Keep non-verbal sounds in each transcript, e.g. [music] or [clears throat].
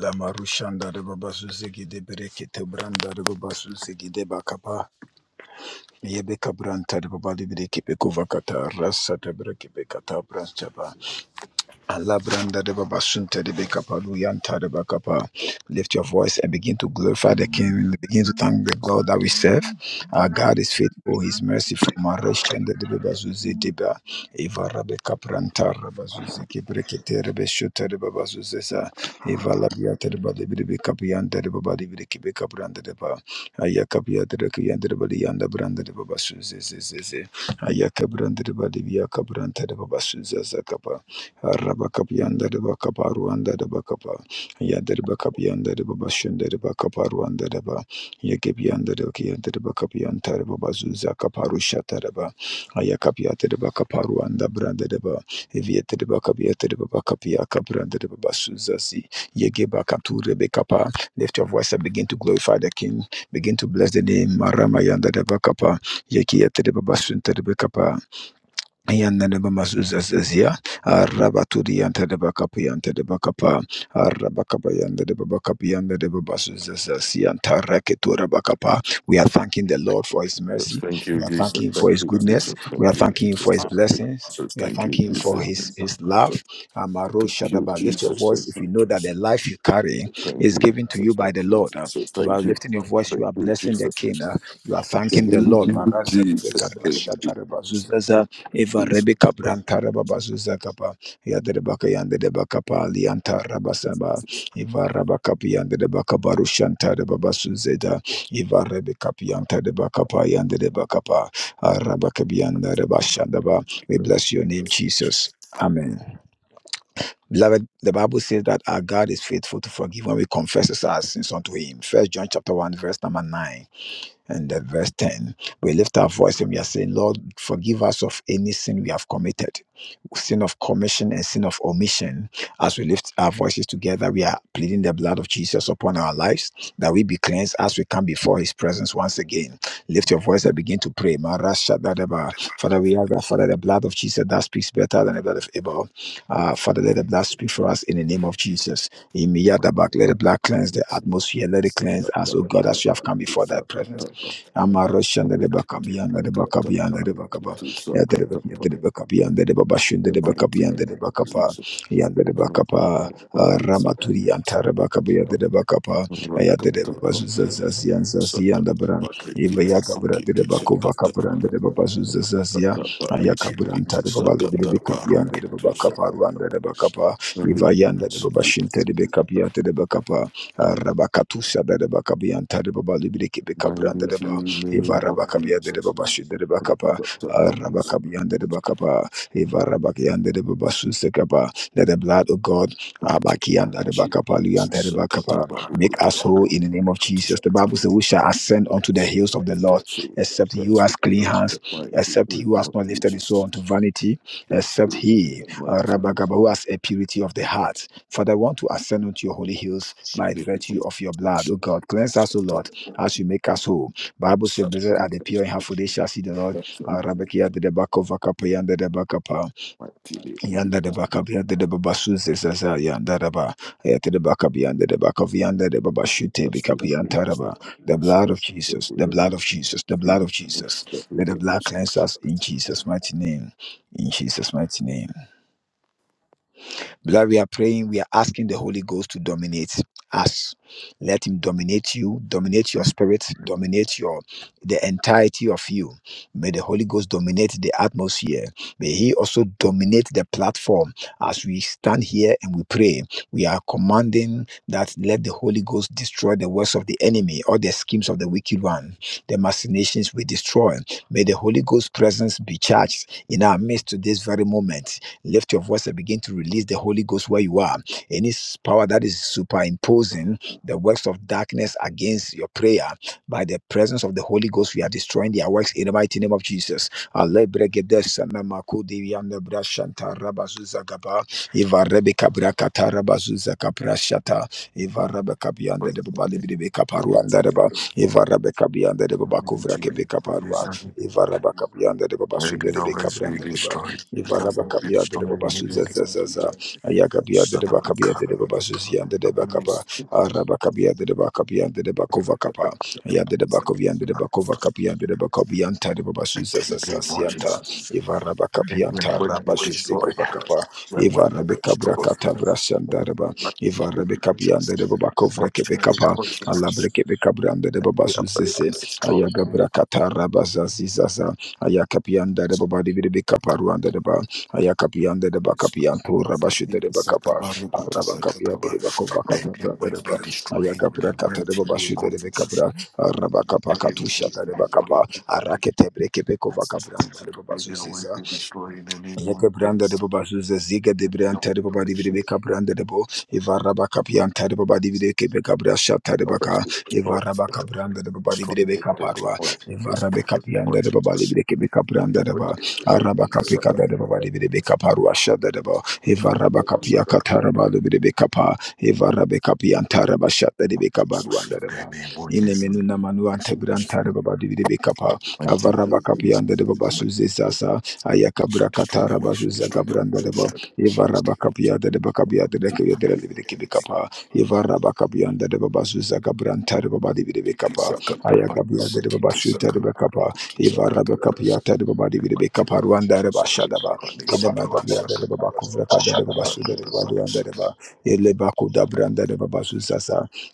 La marushanda de babazuzigi de berekete branda de babazuzigi de bakapa. Yebe kabranta de babali bereke bekova kata rasa de bereke bekata branchaba. Alabranda de baba sunta de bekapa, luyanta de bakapa. Lift your voice and begin to glorify the King. Begin to thank the God that we serve. Our God is faithful, His merciful. Mareshende de baba zuzi deba. Eva rabe kapranta raba zuzi kibrekete rebe shuta de baba zuzi sa. Eva labiata de baba de bebe kapianta de baba de bebe kibe kapranda de baba. Aya kapiata de kiyanda de baba yanda branda de baba zuzi zizi zizi. Aya kabranda de baba de biya kabranta de baba zuzi zakapa. Rabakapianda de Bacaparuanda de Bacapa, Yadder Bacapianda de Babashunda de Bacaparuanda de Ba, Yakapianda de Kianda de Bacapianta de Babazuza Caparushata de Ba, Ayakapiata de Bacaparuanda Branda de Ba, Evieta de Bacapiata de Bacapiaca Branda de Babasuza Si, Yagibacatu Rebecapa. Lift your voice and begin to glorify the King. Begin to bless the name Maramayanda de Bacapa, Yakiata de Babasunta de Bacapa. Yanadaba Mazuzazia, Rabaturianta de Bacapianta de Bacapa, Rabacabayanda de Bacapianda de Babasuzazianta Raketura Bacapa. We are thanking the Lord for his Jesus, mercy. thank We you, are Jesus, thanking him for thank his you, Jesus, goodness. We are thank you, thanking him for his Jesus, thank you, blessings. Jesus, We are thank you, thanking him Jesus, for his, his love. Amaro thank you, Shadaba, lift your Jesus, thank voice you, if you know that Jesus, the life you carry thank is you, given to you Jesus, thank by the you, Lord. Uh, Jesus, You are thank you, lifting your voice, you are thank you, blessing the Jesus, King. Uh, You are thanking the thank Lord. Marasadebekadashadarebazuzaza. Eva Rebecca Brantara Babazuzakapa, Yadrebaka Yandrebakapa, Lianta Rabasaba, Eva Rabakapi Yandrebacabarushanta Babasuzeda, Eva Rebecca Pianta de Bakapa Yandrebakapa, Arabakabianda Rebashandaba. We bless your name, Jesus. Amen. Beloved, the Bible says that our God is faithful to forgive when we confess our sins unto Him. First John chapter 1, verse number 9. And the verse 10, we lift our voice and we are saying, Lord, forgive us of any sin we have committed, sin of commission and sin of omission. As we lift our voices together, we are pleading the blood of Jesus upon our lives that we be cleansed as we come before his presence once again. Lift your voice and begin to pray. Marashadadaba. Father, we ask that, Father, the blood of Jesus that speaks better than the blood of Abel. Uh, Father, let the blood speak for us in the name of Jesus. In Miyadabak, let the blood cleanse the atmosphere. Let it cleanse us, O God, as we have you, come before thy presence. Jesus, thank Amarashanda de Bacabian, the Bacabian, the you, Bacaba, Yadrekabian, Jesus, the Bacabian, the Babashun, the the mighty Bacabian, the name of Bacapa, Jesus. Yan the Naraka Bacapa, Panikiti Ramaturi and Saka Tarabacabia, the Bacapa, Ayad Naraka the Tapa Babazuzazian, Saka Zazian, the Bran, Eva Panikiti Yacabra, the Sakiti Saka Bacova Tapa Cabran, the Naraka Babazuzazia, Tapa Ayacabran, Nikiti Tarababali, Saka the Tapa Bacabian, the Rukiti Bacapa, Saka Rwanda, Tapa the Rikiti Ivayanda de Babashinta de Sakiti Becapiata de Bacapa, Rabacatusa de Bacabianta de Babalibriki Becabranda de Mighty Ba, name of Ivarabacabia de Jesus. Babashinta de Bacapa, Naraka Tapa Nikiti Rabacabianda de Bacapa, Ivarabacianda de Babasusekapa. Let the blood of God, Mighty Abakianda de Jesus Bacapa, Lianta de Saka Bacapa, Tapa make Rukiti us Saka whole in the Tapa name of Jesus. The Rukiti Bible says, We shall ascend unto the That's hills of the Lord, that's except you that's as clean my hands, except you has more not lifted his soul Jesus. unto vanity That's except my he, uh, Rabagaba, who has a purity of the heart. Father, I want to ascend unto your holy hills by virtue of your blood. O God, cleanse us, O Lord, as you make us whole. Bible says, Blessed are the pure in heart, for they shall see the Lord. Uh, Rabakia de Debakova Kapayanda Yanda da baka yanda da baba su se sasa yanda da ba yanda da baka yanda da baka yanda da baba shute be kap yanda da ba the blood of Jesus the blood of Jesus the blood of Jesus let the blood cleanse us in Jesus mighty name in Jesus mighty name Beloved, we are praying, we are asking the Holy Ghost to dominate us. Let him dominate you, dominate your spirit, dominate your the entirety of you. May the Holy Ghost dominate the atmosphere. May he also dominate the platform as we stand here and we pray. We are commanding that let the Holy Ghost destroy the works of the enemy or the schemes of the wicked one. The machinations we destroy. May the Holy Ghost presence be charged in our midst to this very moment Lift your voice and begin to release the Holy Ghost where you are. Any s- power that is superimposing the works of darkness against your prayer, by the presence of the Holy Ghost, we are destroying their works in the mighty name of Jesus. Alebregedes, Namakudivi, Anebrashanta, Rabazuzagaba, Ivarebekabrakata, Rabazuzakabrashata, Ivarabekabianda, Debabalibidebekaparuandareba, Ivarabekabianda, Debabakuvrakebekaparua, Ivarabakabianda, Maybe always be Debabasunda, destroyed. Maybe always be Ivarabakabia de destroyed. Maybe Babasuza always Zaza, Ayagabia de Bakabia de Babasuzian be de Bakaba, destroyed. Arabakabia de Bakabia de Bakova Kapa, Ayad de Bakovian de Bakova Kapian de Bakobianta de And Babasuza Zaza TP Sianta, Jesus. Look and then Ivarabakapianta would be Rabashiziki destroyed. Bakapa, That would be Ivarabekabra destroyed. Katabra And Sandaraba, My TP Ivarabekabian de watches. It Babakovra wants to be Kebekapa, Alabre Jesus. de The other Babasuzese, is destroyed. Ayagabra Katarabazazizaza ayakapianda de baba divide de kaparuanda de ba ayakapianda de bakapianto rabashide Let de bakapa rabakapianda de bakovakata them brada de ways ba be destroyed in the ayakapra kata de mighty baba name shide of de Jesus. kapra rabakapa Let them katusha ways be de bakapa destroyed. arakete breke pekova Let kabranda de them ways baba be destroyed in the name of Yeke branda de baba zuze zige de branta de baba di Jesus. bide beka branda de bo Ivara baka pianta de baba di bide ke beka bra shata Destroy their way, de baka Ivara baka branda de baba di bide beka parwa Ivara beka pianta de baba di bide ke beka branda de ba Ara baka peka da de baba di bide beka parwa shada de ba Ivara baka pia katara ba de bide beka pa Ivara beka pianta de ba shata de beka barwa da de ba Ine menu na manu ante branta de baba di bide beka pa Avara baka pianta de baba suze sasa ayakabra should destroy their katara way, should bazuza destroy their way, gabranda deba should destroy ivara bakapia de deba kabia de kabia de libi de kibikapa ivara bakapia de deba bazuza gabranta deba badi bide bekapa ayakabia de deba bashuta deba kapa ivara bakapia de deba badi bide rwanda deba shadaba idema gabia their de deba way. bakuvra kada deba basuda deba rwanda deba ile bakuda branda deba bazuza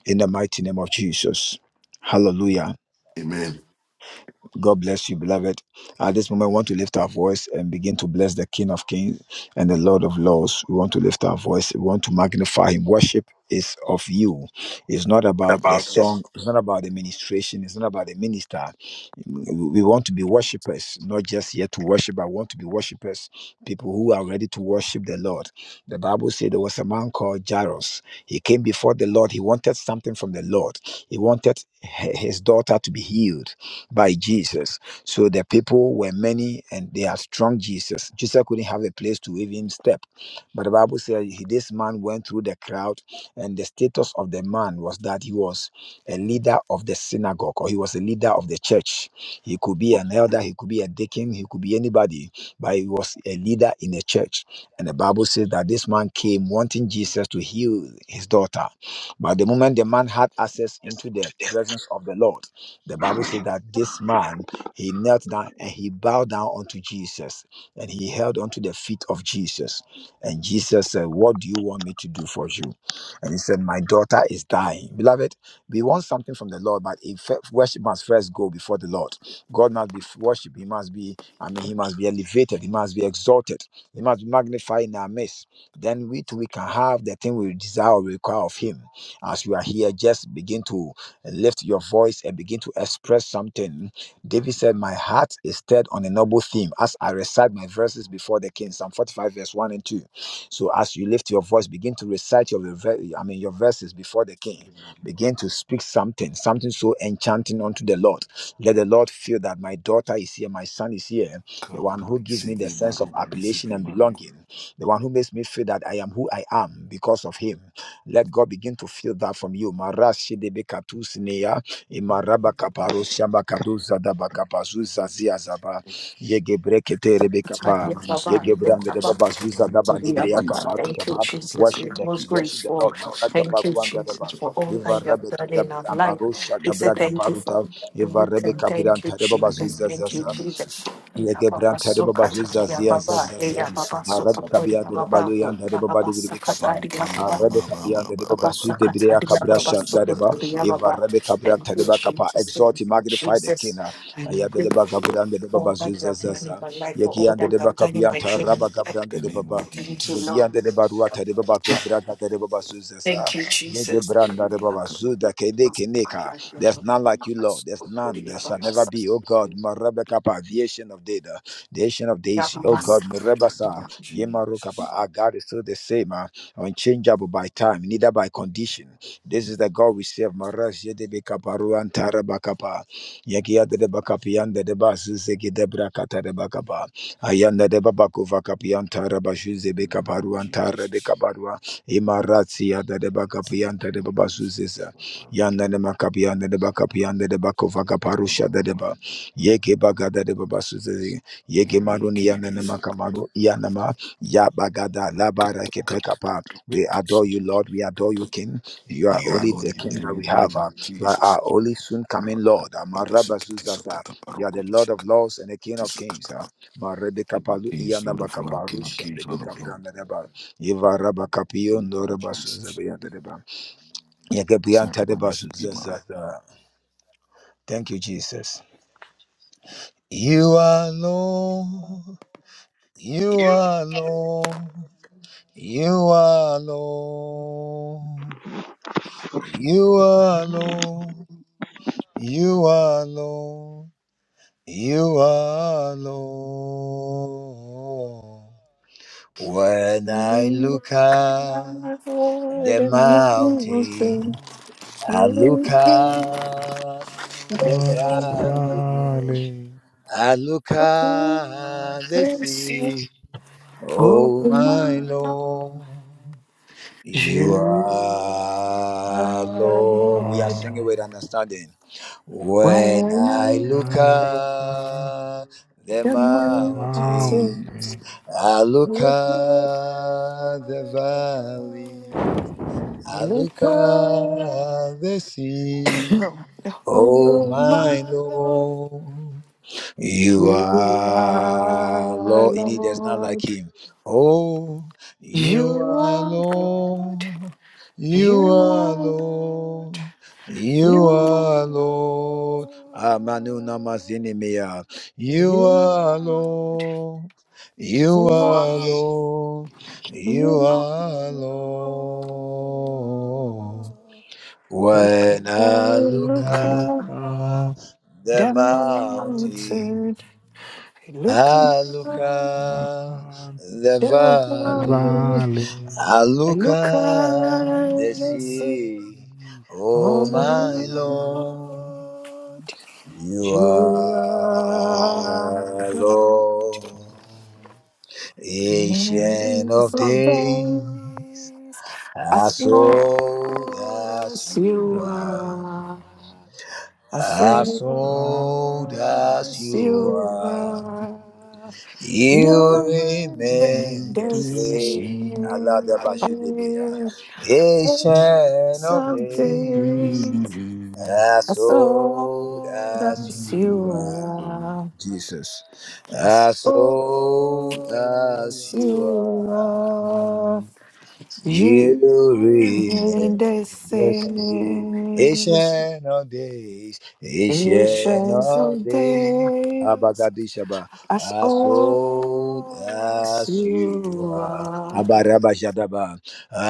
in the mighty name of Jesus hallelujah Amen. God bless you, beloved. At this moment, we want to lift our voice and begin to bless the King of Kings and the Lord of Lords. We want to lift our voice. We want to magnify Him. Worship is of you. It's not about the Yes. song. It's not about the ministration. It's not about the minister. We want to be worshippers, not just here to worship. I want to be worshippers, people who are ready to worship the Lord. The Bible said there was a man called Jairus. He came before the Lord. He wanted something from the Lord. He wanted h- his daughter to be healed by Jesus. So the people were many and they are strong Jesus. Jesus couldn't have a place to even step. But the Bible says he- this man went through the crowd, and the status of the man was that he was a leader of the synagogue or he was a leader of the church. He could be an elder, he could be a deacon, he could be anybody, but he was a leader in the church. And the Bible says that this man came wanting Jesus to heal his daughter. But the moment the man had access into the presence of the Lord, the Bible says that this man, he knelt down and he bowed down unto Jesus and he held unto the feet of Jesus. And Jesus said, What do you want me to do for you? And he said, My daughter is dying. Beloved, we want something from the Lord, but if worship must first go before the Lord. God must be worshipped. He must be, I mean, he must be elevated. He must be exalted. He must be magnified in our midst. Then we too we can have the thing we desire or require of him. As we are here, just begin to lift your voice and begin to express something. David said, My heart is stirred on a noble theme as I recite my verses before the king. Psalm 45, verse 1 and 2. So as you lift your voice, begin to recite your rever- I mean your verses before the king. Begin to speak something, something so enchanting unto the Lord. Let the Lord feel that my daughter is here, my son is here, the one who gives me the sense of appellation and belonging, the one who makes me feel that I am who I am because of him. Let God begin to feel that from you. Marashi de bekatusnea, imaraba kaparo shamba da bakapazuza zia zaba, yege rebekapa, yege de babazuza da badibria kaparo Thank you, Jesus. We Worship are the King, most worship the grateful. Lord. Maraka Thank you, pakwanda Jesus, deba. for all that Eva you have rebe done da in bi our life. ambarosha We say gabra thank you for gabaruta. Eva rebe everything. Thank you, kapiranta de Jesus. babazuza Thank you, zaza. Jesus. Ya Yege Baba de Sokata, babazuza Ya zia Baba, Eh, Ya zaza. Baba Arabe Sokata, kabia Ya de Baba, baluyan de Ya baba Baba de bibi kapa. Sakata, Ya Baba, Arabe Mama, mama, kabia de mama, Baba baba su de bria Sakata, Ya kabra Baba shan de deba. Sokoto, Ya If Baba. Arabe kabra Thank de you, deba mama, kapa Jesus. exalt Thank him, you, magnify the king. Jesus Aya de deba kabra de baba all su that you have done in zazaza. my life, for all Yekian de that you deba have done in kabia my ta children. In raba Thank kabra de the name baba. you, of thank you, Jesus. Lord. Yebian de deba ruwa de baba kovra ka de baba su zaza. Thank you, Yege Jesus. branda de baba Come, su da kede keneka. There's none like you, Lord. There's none. There shall yes, never yes. be, oh God. Marabe kapa, the ancient of data the ancient of days, In the oh name God, Merebasa, of Yemarokaba. Jesus. Our God is still the same, uh, unchangeable by time, neither by condition. This is the God we serve. Maras yedebe kaparu antara bakapa. Yakia de bakapi anda de basu zeki debra kata de bakapa. Ayanda de babako vakapi antara bashu In zebe the name of kaparu antara de Jesus. kaparua. Imaratsi yada de in bakapi the name anta de of babasu Jesus. zesa. Papa, Yanda de makapi anda de bakapi anda de bako vakaparu in my de mouth. ba. Yeke bagada de babasu zezi. Yeke Make maruni it yana ne this up. makamaru Yabagada labara kepekapa. We adore you, Lord. We adore you, King. You are You are only not the in King the that we have. name ah. of You are Jesus. our only soon coming Lord. ah. Marabazuzaza. You are the Lord of Lords and the King of Kings. ah. King of Marebekapalu Kings, Lord of Lords, iyanabakapa King of rusha Kings, Lord of Lords. bebegabranadeba. In the name Ivarabakapiondo of Jesus. rabasuzabeyanadeba. Yegebiantadebasuzazaza. Thank you, Jesus. You are Lord. You You are Lord. You are Lord. You are Lord. You are Lord. You are Lord. When I look at Lord the and Lord, mountain, I I look on at the the valley, valley. I look at the sea. Oh Oh, Oh my my my Lord, Lord. God, You you you are are are Lord. We are Lord singing with Lord. understanding. When When I I And look I look up look up at at the the the mountain, mountains, mountain. I I look look up at the at the valley, valley, I I look look at up, the sea. [clears throat] Oh, oh my my Lord, Lord. You you are are Lord, indeed there's not like Lord, him. Oh, you you are are God, Lord, you you are are Lord, Lord, you are Lord, you you are are Lord. Lord. Amanu namazinimia. You you are are Lord, you are Lord, Lord, you You are alone. Lord. When When I I I look look look up at up the the down the mountain. mountain, mountain. I look up Look Aluka at the down the The valley, valleys, valley, I look Aluka the at the sea. sea. Oh Oh my my Diwali. Lord, Lord, you you are are Lord, God. ancient Lords of of days. days, as As old old as as you you How's are, you are. have Lord, as I you thought as are? As old as long as you as you you are. are, are. You you're worthy remain the the same. Allah same. the Bashidibia. Yes, Ancients Ancient of you of are days, days, there, I as old thought as long as you as you you are. are. are, Jesus, I as old thought Old as as you as you you are. are. are, You you remain You're need the the in the same, same. same. ancient of days, ancient Ancients of of days. days. Abagadishaba, As as Oh, old old as as you you are. are, Abarabajadaba,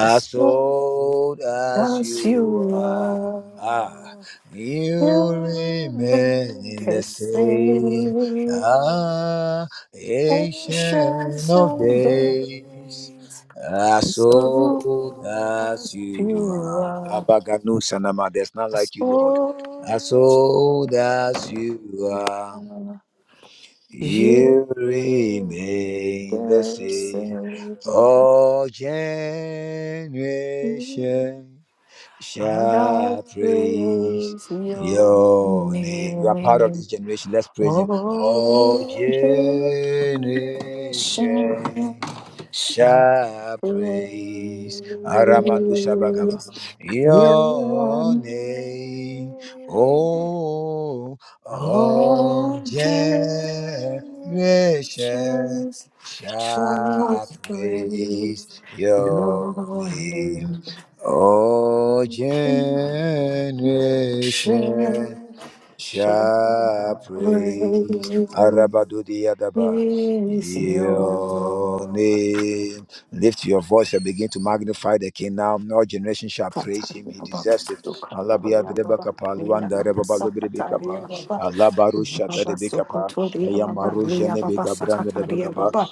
as old old as as that you you you are. Ah, are are, you you remain remain the the same. same. Ah, ancient Oceans of sunshine of of day. days. days, Oh, Ah, as so that you old are that's as you. my you are. praise. are, Abagano Sanama, there's not as like you, Lord. Ah, old as you so that's you. are. are, you You remain the remain same. the All same. generation And I shall praise praise your your name. You are part of name, this generation. Let's praise him. All all generation generation shall praise shall praise Aramanu Shabakaba. your Your name. name. Oh, all All generations generation shall shall praise praise your your name. name. All generation Praise shall praise Arabadudiyadaba, your your Lord. name. Lift your voice and begin to magnify the King now. All generation shall praise him. He Kataria Baba deserves it. Allah be Sukataria adreba Baba kapa, Mia luanda Baba reba balubri be Sakataria Baba Allah barusha Baba dade be kapa, Sukotoria Baba ayamaru Mia jene be Baba Sakataria gabran Baba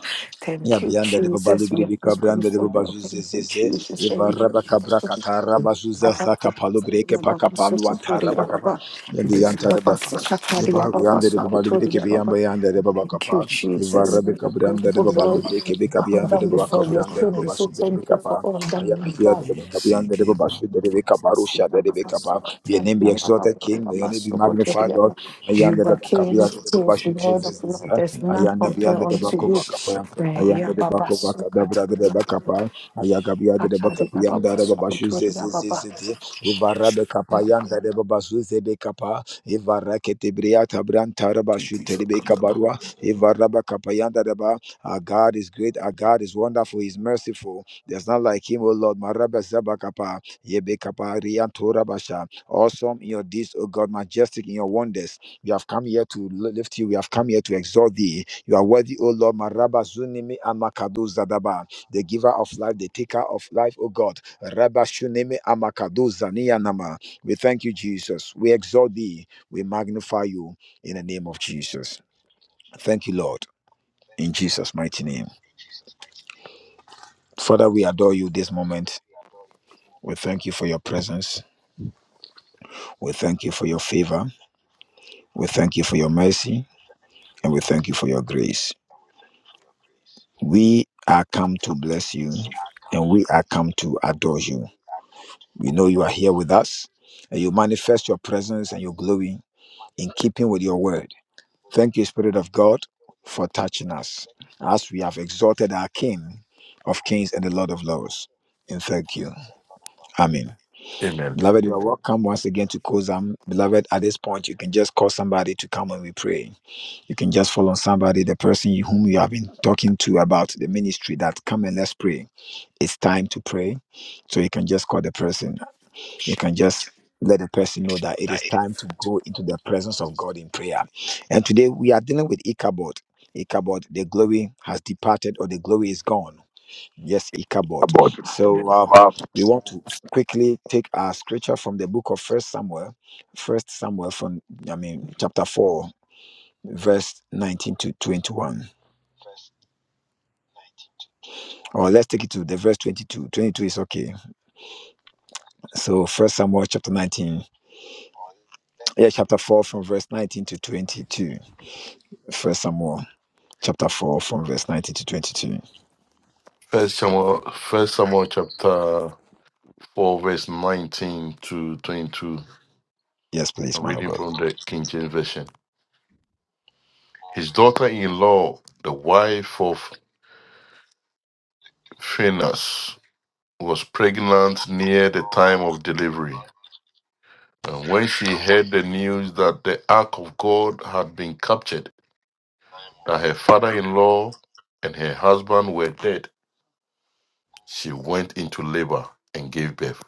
Ya Thank you, bianda de babalu Jesus. We biri are bi most kabranda de grateful. Lord. babazu Thank you, zezeze Jesus. Thank evara you, Jesus. bakabra katara bazu Baba zaza kapalu breke Sakataria Baba pakapalu antara Sukotoria bakapa Baba ya de Mia yanta Baba ba Sakataria jeba Baba yanda de babalu biri ke Sukotoria biyamba Baba yanda de baba Thank you, kapa evara Jesus. be We are kabranda de grateful, babalu Lord. biri ke be Bow kabiyanda de down baba before your kabranda de throne. We say babazu de be thank you for kapa all that aya you've done. kabiyanda de bakabiyanda de babazu de be kapa rusha de be kapa your name be exalted king may your name be magnified lord You ayanda de are king of bakabiyanda de kings, babazu Lord of zezeze lords. There's In the none ayanda name compared biyanda of de unto bakova you. Jesus, kapa Right, yeah, Ayanda de Baba, bako so, the da braga de Katari, Baba, bakapa. Ayagabia de Katari, bakapia da Baba, de so, babashu Kotori, Baba. zezezezete. Ivara de kapayanda de babasu zebe kapa. Ivara ketebria tabran tarabashu Kitty telebe Sakataba. kabarwa. Ivara bakapayanda de ba. Our God is great. Our God is wonderful. He's merciful. There's not like him, O Lord. Maraba zabakapa. Yebe kapa riantora basha. Awesome in your deeds, O God. Majestic in your wonders. We have come here to li- lift you. We have come here to exalt thee. You are worthy, O Lord. Maraba zunimi amakado zadaba. The giver of life, the taker of life, O God. Rabba shunimi amakado zaniyanama. We thank you, Jesus. We exalt thee. We magnify you in the name of Jesus. Thank you, Lord, in Jesus' mighty name. Father, we adore you this moment. We thank you for your presence. We thank you for your favor. We thank you for your mercy. And we thank you for your grace. We are come to bless you and we are come to adore you. We know you are here with us and you manifest your presence and your glory in keeping with your word. Thank you, Spirit of God, for touching us as we have exalted our King of Kings and the Lord of Lords. And thank you. Amen. Amen. Beloved, you are welcome once again to Kozam. Beloved, at this point, you can just call somebody to come when we pray. You can just follow somebody, the person whom you have been talking to about the ministry, that come and let's pray it's time to pray. So you can just call the person. You can just let the person know that it is time to go into the presence of God in prayer. And today we are dealing with Ichabod. Ichabod, the glory has departed or the glory is gone. Yes, Ichabod. about the So um, map. we want to quickly take our scripture from the book of First Samuel, First Samuel from I mean chapter four, verse nineteen to twenty-one. Or let's take it to the verse 22. 22 is okay. So First Samuel chapter 19 Yeah, chapter 4 from verse 19 to 22. First Samuel chapter 4 from verse 19 to 22. First Samuel, First Samuel chapter 4, verse 19 to 22. Yes, please, I'm man of reading God. from the King James Version. His daughter in law, the wife of Phinehas, was pregnant near the time of delivery. And when she heard the news that the ark of God had been captured, that her father in law and her husband were dead, she went into labor and gave birth.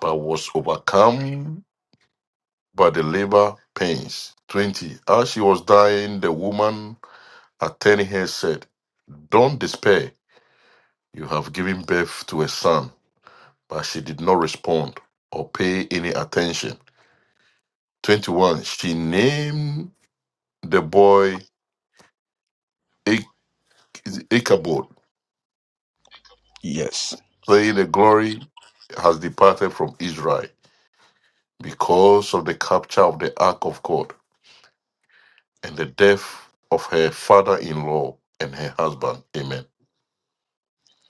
but was overcome by the labor pains. 20. As she was dying, the woman attending her said, Don't despair, you have given birth to a son. But she did not respond or pay any attention. 21. She named the boy Ich- Ichabod, Yes. saying, The glory has departed from Israel because of the capture of the ark of God and the death of her father in law and her husband. Amen.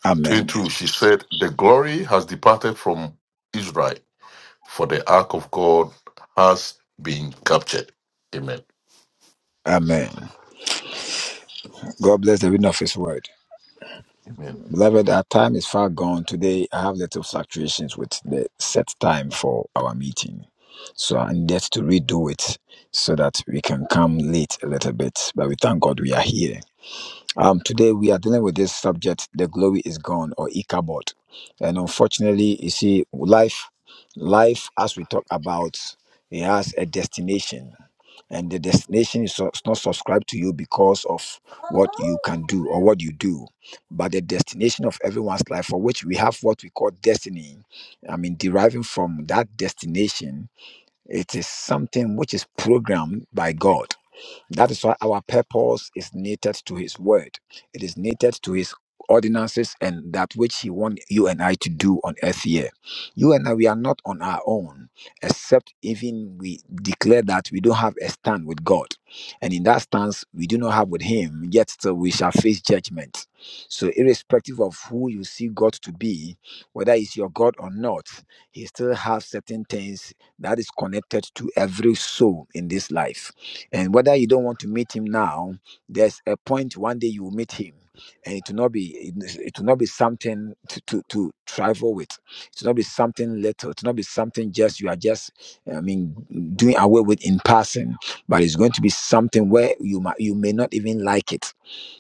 Amen. 22, she said, The glory has departed from Israel, for the ark of God has been captured. Amen. Amen. God bless the reading of his word. Amen. Beloved, our time is far gone. Today, I have little fluctuations with the set time for our meeting. So I needed to redo it so that we can come late a little bit. But we thank God we are here. Um, today we are dealing with this subject, the glory is gone or Ichabod. And unfortunately, you see, life, life as we talk about, it has a destination. And the destination is so- is not subscribed to you because of what you can do or what you do, but the destination of everyone's life, for which we have what we call destiny. I mean, deriving from that destination, it is something which is programmed by God that is why our purpose is knitted to His word. It is knitted to His ordinances and that which He wants you and I to do on earth here. You and I, we are not on our own, except even we declare that we don't have a stand with God. And in that stance, we do not have with Him, yet still we shall face judgment. So, irrespective of who you see God to be, whether He's your God or not, He still has certain things that is connected to every soul in this life and whether you don't want to meet him now, there's a point one day you will meet him. And it will not be it it will not be something to, to, to trifle with. It will not be something little. It will not be something just you are just I mean doing away with in passing. But it's going to be something where you might you may not even like it.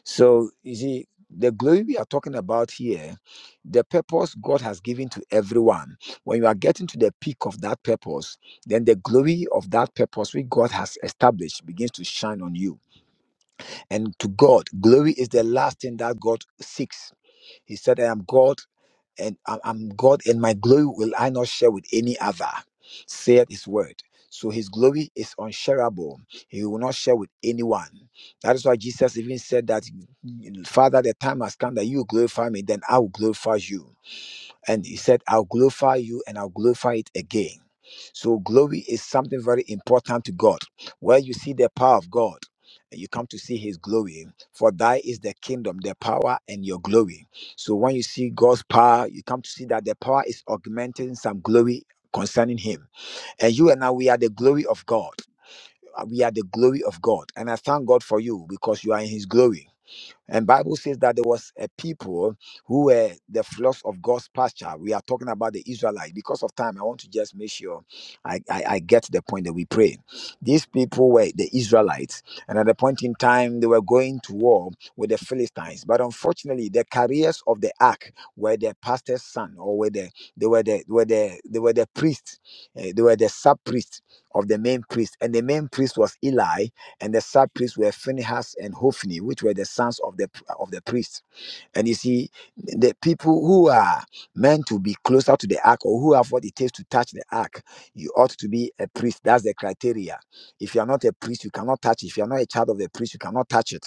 So you see, the glory we are talking about here, the purpose God has given to everyone. When you are getting to the peak of that purpose, then the glory of that purpose which God has established begins to shine on you. And to God, glory is the last thing that God seeks. He said, I am God and I am God, and my glory will I not share with any other, saith his word. So his glory is unshareable. He will not share with anyone. That is why Jesus even said that, Father, the time has come that you glorify me, then I will glorify you. And he said, I'll glorify you and I'll glorify it again. So, glory is something very important to God. Where you see the power of God, and you come to see his glory. For thy is the kingdom, the power, and your glory. So, when you see God's power, you come to see that the power is augmenting some glory concerning him. And you and I, we are the glory of God. We are the glory of God. And I thank God for you because you are in his glory and Bible says that there was a people who were the flocks of God's pasture. We are talking about the Israelites. Because of time, I want to just make sure I, I, I get the point that we pray. These people were the Israelites, and at a point in time, they were going to war with the Philistines. But unfortunately, the carriers of the ark were the pastor's son, or were the they were the were the they were the priests, eh, they were the sub priests of the main priest, and the main priest was Eli, and the sad priests were Phinehas and Hophni, which were the sons of the of the priests. And you see, the people who are meant to be closer to the ark or who have what it takes to touch the ark, you ought to be a priest. That's the criteria. If you are not a priest, you cannot touch it. If you are not a child of the priest, you cannot touch it.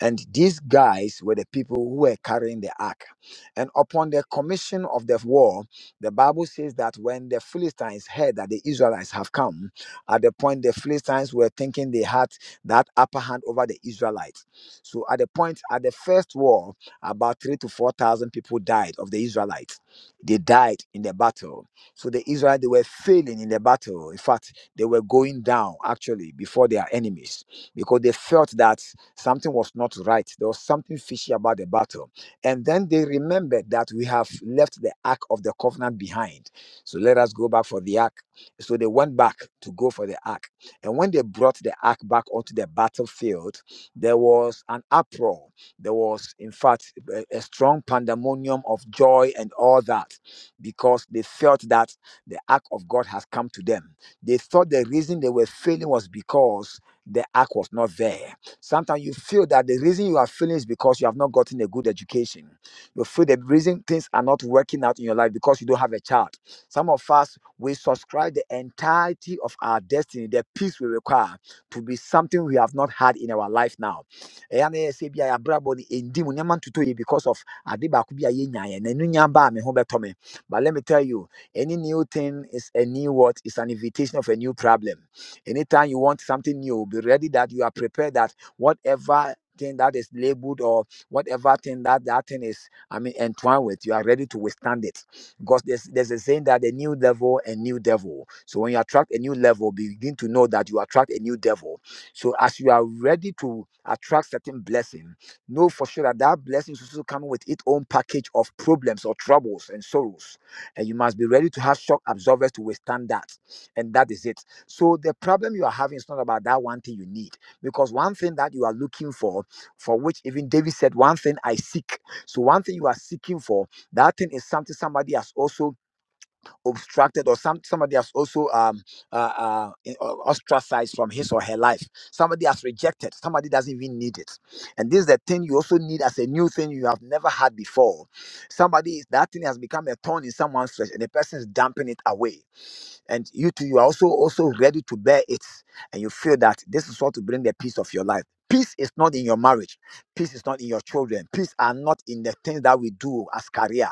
And these guys were the people who were carrying the ark. And upon the commission of the war, the Bible says that when the Philistines heard that the Israelites have come, at the point the Philistines were thinking they had that upper hand over the Israelites. So at the point, at the first war, about three to 4,000 people died of the Israelites. They died in the battle. So the Israelites, they were failing in the battle. In fact, they were going down actually before their enemies because they felt that Something was not right. There was something fishy about the battle. And then they remembered that we have left the ark of the covenant behind. So let us go back for the ark. So they went back to go for the ark. And when they brought the ark back onto the battlefield, there was an uproar. There was, in fact, a, a strong pandemonium of joy and all that because they felt that the ark of God has come to them. They thought the reason they were failing was because the ark was not there. Sometimes you feel that the reason you are feeling is because you have not gotten a good education. You feel the reason things are not working out in your life because you don't have a child. Some of us, we subscribe the entirety of our destiny, the peace we require to be something we have not had in our life now. Ɛyɛ a na yɛsɛ ebia yɛabrabɔ no, ɛndi mu, nneɛma ntotɔ yie Because of ade baako bi a yɛnyaeɛ. Na ɛno nya baa me ho bɛtɔ me. But let me tell you, any new thing is a new what? It's an invitation of a new problem. Anytime you want something new, be ready that you are prepared that whatever thing that is labeled or whatever thing that that thing is i mean entwined with you are ready to withstand it because there's there's a saying that a new level and new devil so when you attract a new level begin to know that you attract a new devil so as you are ready to attract certain blessing know for sure that that blessing is also coming with its own package of problems or troubles and sorrows and you must be ready to have shock absorbers to withstand that and that is it so the problem you are having is not about that one thing you need because one thing that you are looking for, for which even David said, one thing I seek. So one thing you are seeking for, that thing is something somebody has also obstructed or some somebody has also um uh, uh in- o- ostracized from his or her life. Somebody has rejected. Somebody doesn't even need it. And this is the thing you also need as a new thing you have never had before. Somebody that thing has become a thorn in someone's flesh, and the person is dumping it away and you too you are also also ready to bear it and you feel that this is what to bring the peace of your life peace is not in your marriage peace is not in your children peace are not in the things that we do as career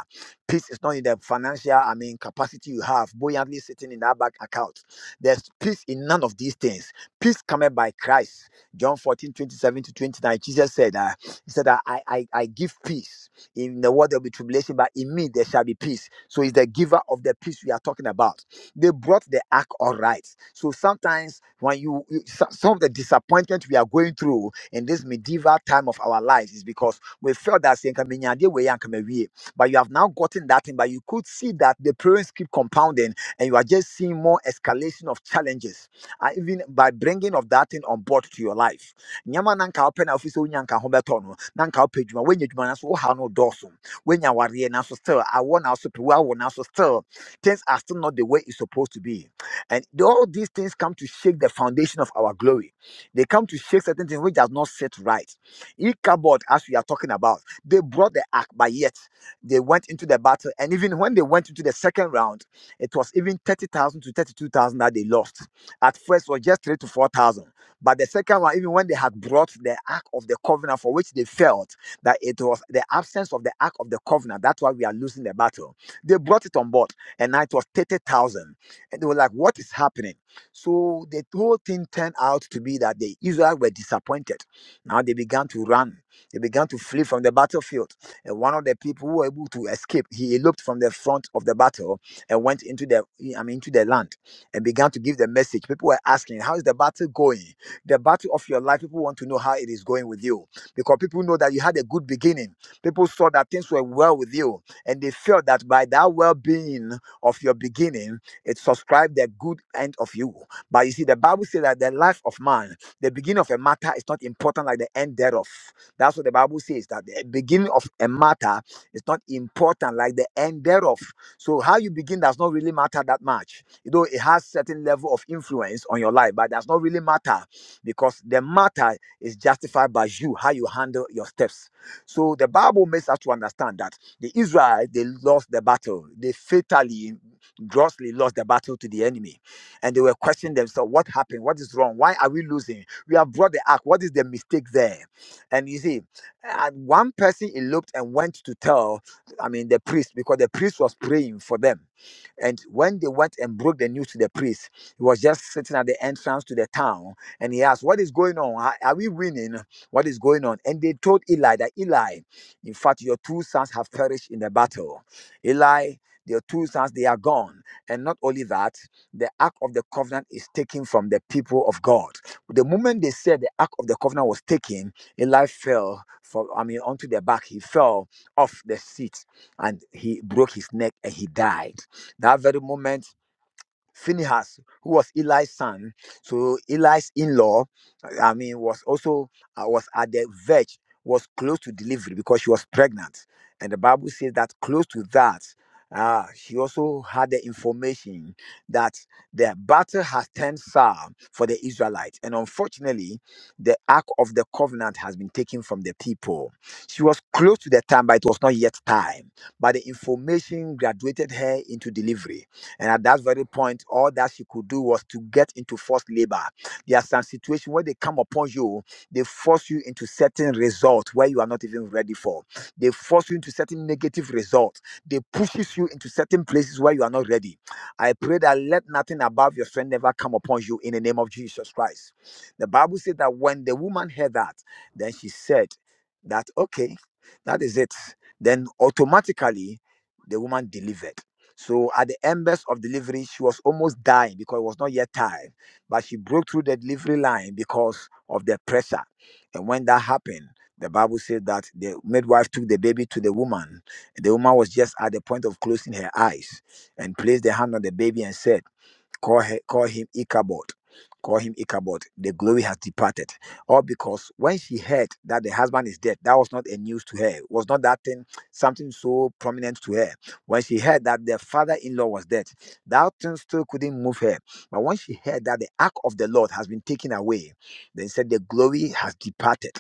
peace is not in the financial i mean capacity you have buoyantly sitting in that bank account there's peace in none of these things peace cometh by christ john 14 27 to 29 jesus said uh, he said that I, I i give peace in the world there'll be tribulation but in me there shall be peace so he's the giver of the peace we are talking about they brought the ark all right. So sometimes when you, you so- some of the disappointment we are going through in this medieval time of our lives is because we felt that "Sɛ nka menyaa deɛ wei a, anka mawie." but you have now gotten that thing, but you could see that the problems keep compounding and you are just seeing more escalation of challenges, uh, even by bringing of that thing on board to your life. Nyama nanka open office unyanka hobetono, nanka pejuma, when you jumana so how no dorsum, when you are still, I want also to, I want also still. Things are still not the way it's supposed to be. And the- all these things come to shake the foundation of our glory. They come to shake certain things which does not sit right. Ichabod, as we are talking about, they brought the ark, but yet they went into the battle. And even when they went into the second round, it was even 30,000 to 32,000 that they lost. At first, it was just 3 to 4,000. But the second one, even when they had brought the ark of the covenant for which they felt that it was the absence of the ark of the covenant, that's why we are losing the battle. They brought it on board and now it was 30,000. And they were like, What is happening? So the whole thing turned out to be that the Israel were disappointed. Now they began to run, they began to flee from the battlefield. And one of the people who were able to escape, he eloped from the front of the battle and went into the I mean into the land and began to give the message. People were asking, How is the battle going? The battle of your life, people want to know how it is going with you. Because people know that you had a good beginning. People saw that things were well with you and they felt that by that well being of your beginning, it subscribes the good end of you. But you see, the Bible says that the life of man, the beginning of a matter is not important like the end thereof. That's what the Bible says, that the beginning of a matter is not important like the end thereof. So how you begin does not really matter that much. You know, it has certain level of influence on your life, but does not really matter because the matter is justified by you, how you handle your steps. So the Bible makes us to understand that the Israelites, they lost the battle. They fatally, grossly lost the battle to the enemy. And they were questioning themselves, what happened? What is wrong? Why are we losing? We have brought the ark. What is the mistake there? And you see, and one person eloped and went to tell, I mean, the priest, because the priest was praying for them and when they went and broke the news to the priest, he was just sitting at the entrance to the town and he asked, What is going on? Are are we winning? What is going on? And they told Eli that Eli, in fact, your two sons have perished in the battle. Eli, your two sons, they are gone. And not only that, the Ark of the Covenant is taken from the people of God. The moment they said the Ark of the Covenant was taken, Eli fell from, I mean, onto the back. He fell off the seat and he broke his neck and he died that very moment Phinehas, who was Eli's son, so Eli's in-law, I mean, was also uh, was at the verge, was close to delivery because she was pregnant, and the Bible says that close to that, uh, she also had the information that the battle has turned sour for the Israelites, and unfortunately, the Ark of the Covenant has been taken from the people. She was close to the time, but it was not yet time. But the information graduated her into delivery and at that very point, all that she could do was to get into forced labor. There are some situations where they come upon you, they force you into certain results where you are not even ready for. They force you into certain negative results. They pushes you into certain places where you are not ready. I pray that let nothing above your strength never come upon you in the name of Jesus Christ. The Bible said that when the woman heard that, then she said that, okay, that is it. Then automatically, the woman delivered. So at the embers of delivery, she was almost dying because it was not yet time. But she broke through the delivery line because of the pressure. And when that happened, the Bible said that the midwife took the baby to the woman. The woman was just at the point of closing her eyes and placed the hand on the baby and said, Call, her, call him Ichabod. Call him Ichabod. The glory has departed. All because when she heard that the husband is dead, that was not a news to her. It was not that thing, something so prominent to her. When she heard that the father in law was dead, that thing still couldn't move her. But when she heard that the ark of the Lord has been taken away, they said, The glory has departed.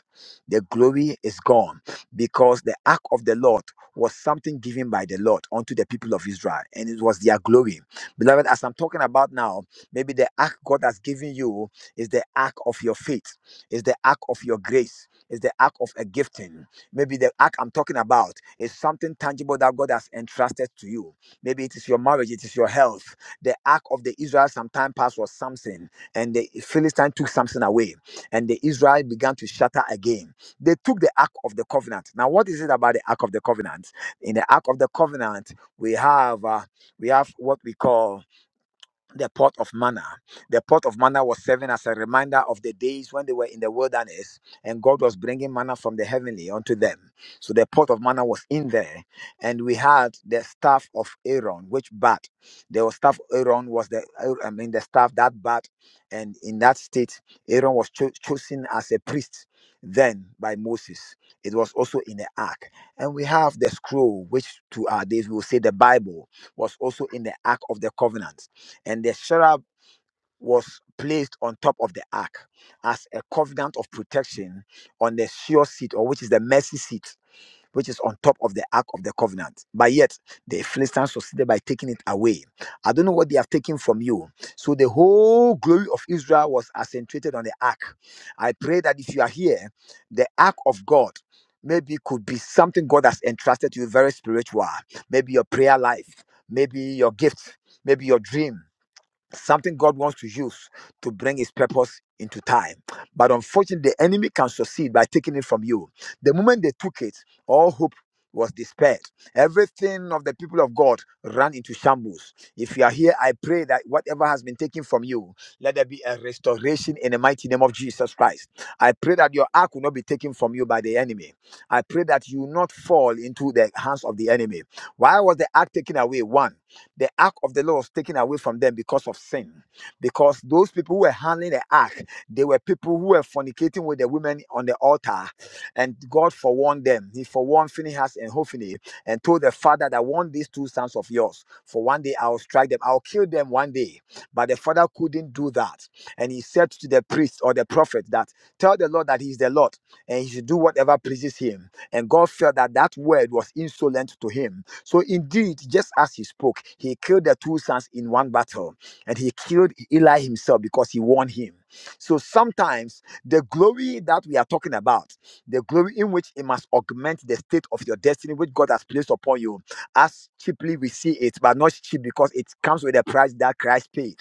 The glory is gone because the ark of the Lord was something given by the Lord unto the people of Israel, and it was their glory. Beloved, as I'm talking about now, maybe the ark God has given you is the ark of your faith, is the ark of your grace, is the ark of a gifting. Maybe the ark I'm talking about is something tangible that God has entrusted to you. Maybe it is your marriage, it is your health. The ark of the Israel sometime past was Samson, and the Philistine took Samson away, and the Israel began to shatter again. They took the ark of the covenant. Now, what is it about the ark of the covenant? In the ark of the covenant, we have. uh, we have what we call the pot of manna. The pot of manna was serving as a reminder of the days when they were in the wilderness and God was bringing manna from the heavenly unto them. So the pot of manna was in there. And we had the staff of Aaron, which bat. The staff of Aaron was the, uh, I mean, the staff that bat. And in that state, Aaron was cho- chosen as a priest then by Moses. It was also in the ark. And we have the scroll, which to our days we will say the Bible was also in the ark of the covenant and the cherub was placed on top of the ark as a covenant of protection on the sure seat, or which is the mercy seat, which is on top of the ark of the covenant. But yet the Philistines succeeded by taking it away. I don't know what they have taken from you. So the whole glory of Israel was accentuated on the ark. I pray that if you are here, the ark of God. Maybe could be something God has entrusted to you very spiritual. Maybe your prayer life, maybe your gift, maybe your dream, something God wants to use to bring his purpose into time. But unfortunately, the enemy can succeed by taking it from you. The moment they took it, all hope was despaired. Everything of the people of God ran into shambles. If you are here, I pray that whatever has been taken from you, let there be a restoration in the mighty name of Jesus Christ. I pray that your ark will not be taken from you by the enemy. I pray that you will not fall into the hands of the enemy. Why was the ark taken away? One. The ark of the Lord was taken away from them because of sin. Because those people who were handling the ark, they were people who were fornicating with the women on the altar. And God forewarned them. He forewarned Phinehas and Hophni and told the father that one these two sons of yours, for one day I'll strike them, I'll kill them one day. But the father couldn't do that. And he said to the priest or the prophet that tell the Lord that he is the Lord and he should do whatever pleases him. And God felt that that word was insolent to him so indeed, just as he spoke, he killed the two sons in one battle, and he killed Eli himself because he warned him. So sometimes the glory that we are talking about, the glory in which it must augment the state of your destiny which God has placed upon you, as cheaply we see it, but not cheap because it comes with a price that Christ paid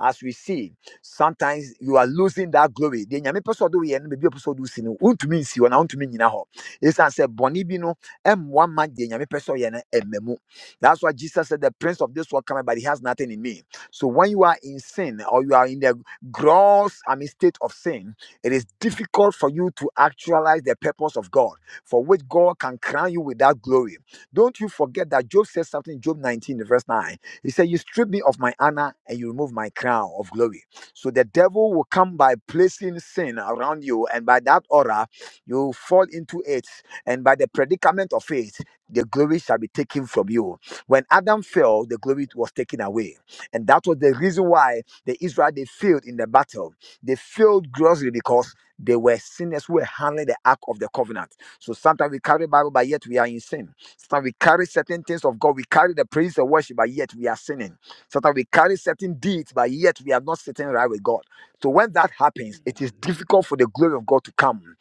as we see sometimes you are losing that glory deɛ nyame pɛ sɛ ɔde woyɛ no baabi a ɔpɛ sɛ ɔde wo si no wontumi nsi hɔ na wontumi nnyina hɔ ɛsiane sɛ bɔne bi no ɛmmoa ma deɛ nyame pɛ sɛ ɔyɛ no ɛmma mu that's why jesus said the prince of this world cometh but he has nothing in me so when you are in sin or you are in the gross i mean state of sin it is difficult for you to actualize the purpose of god for which god can crown you with that glory don't you forget that job says something in job 19 verse 9 he said, You strip me of my honor and you remove my crown of glory. So the devil will come by placing sin around you, and by that aura, you fall into it, and by the predicament of it, the glory shall be taken from you. When Adam fell, the glory was taken away. And that was the reason why the Israel they failed in the battle. They failed grossly because they were sinners who were handling the ark of the covenant. So sometimes we carry Bible, but yet we are in sin. Sometimes we carry certain things of God. We carry the praise and worship, but yet we are sinning. So that we carry certain deeds, but yet we are not sitting right with God. So when that happens, it is difficult for the glory of God to come.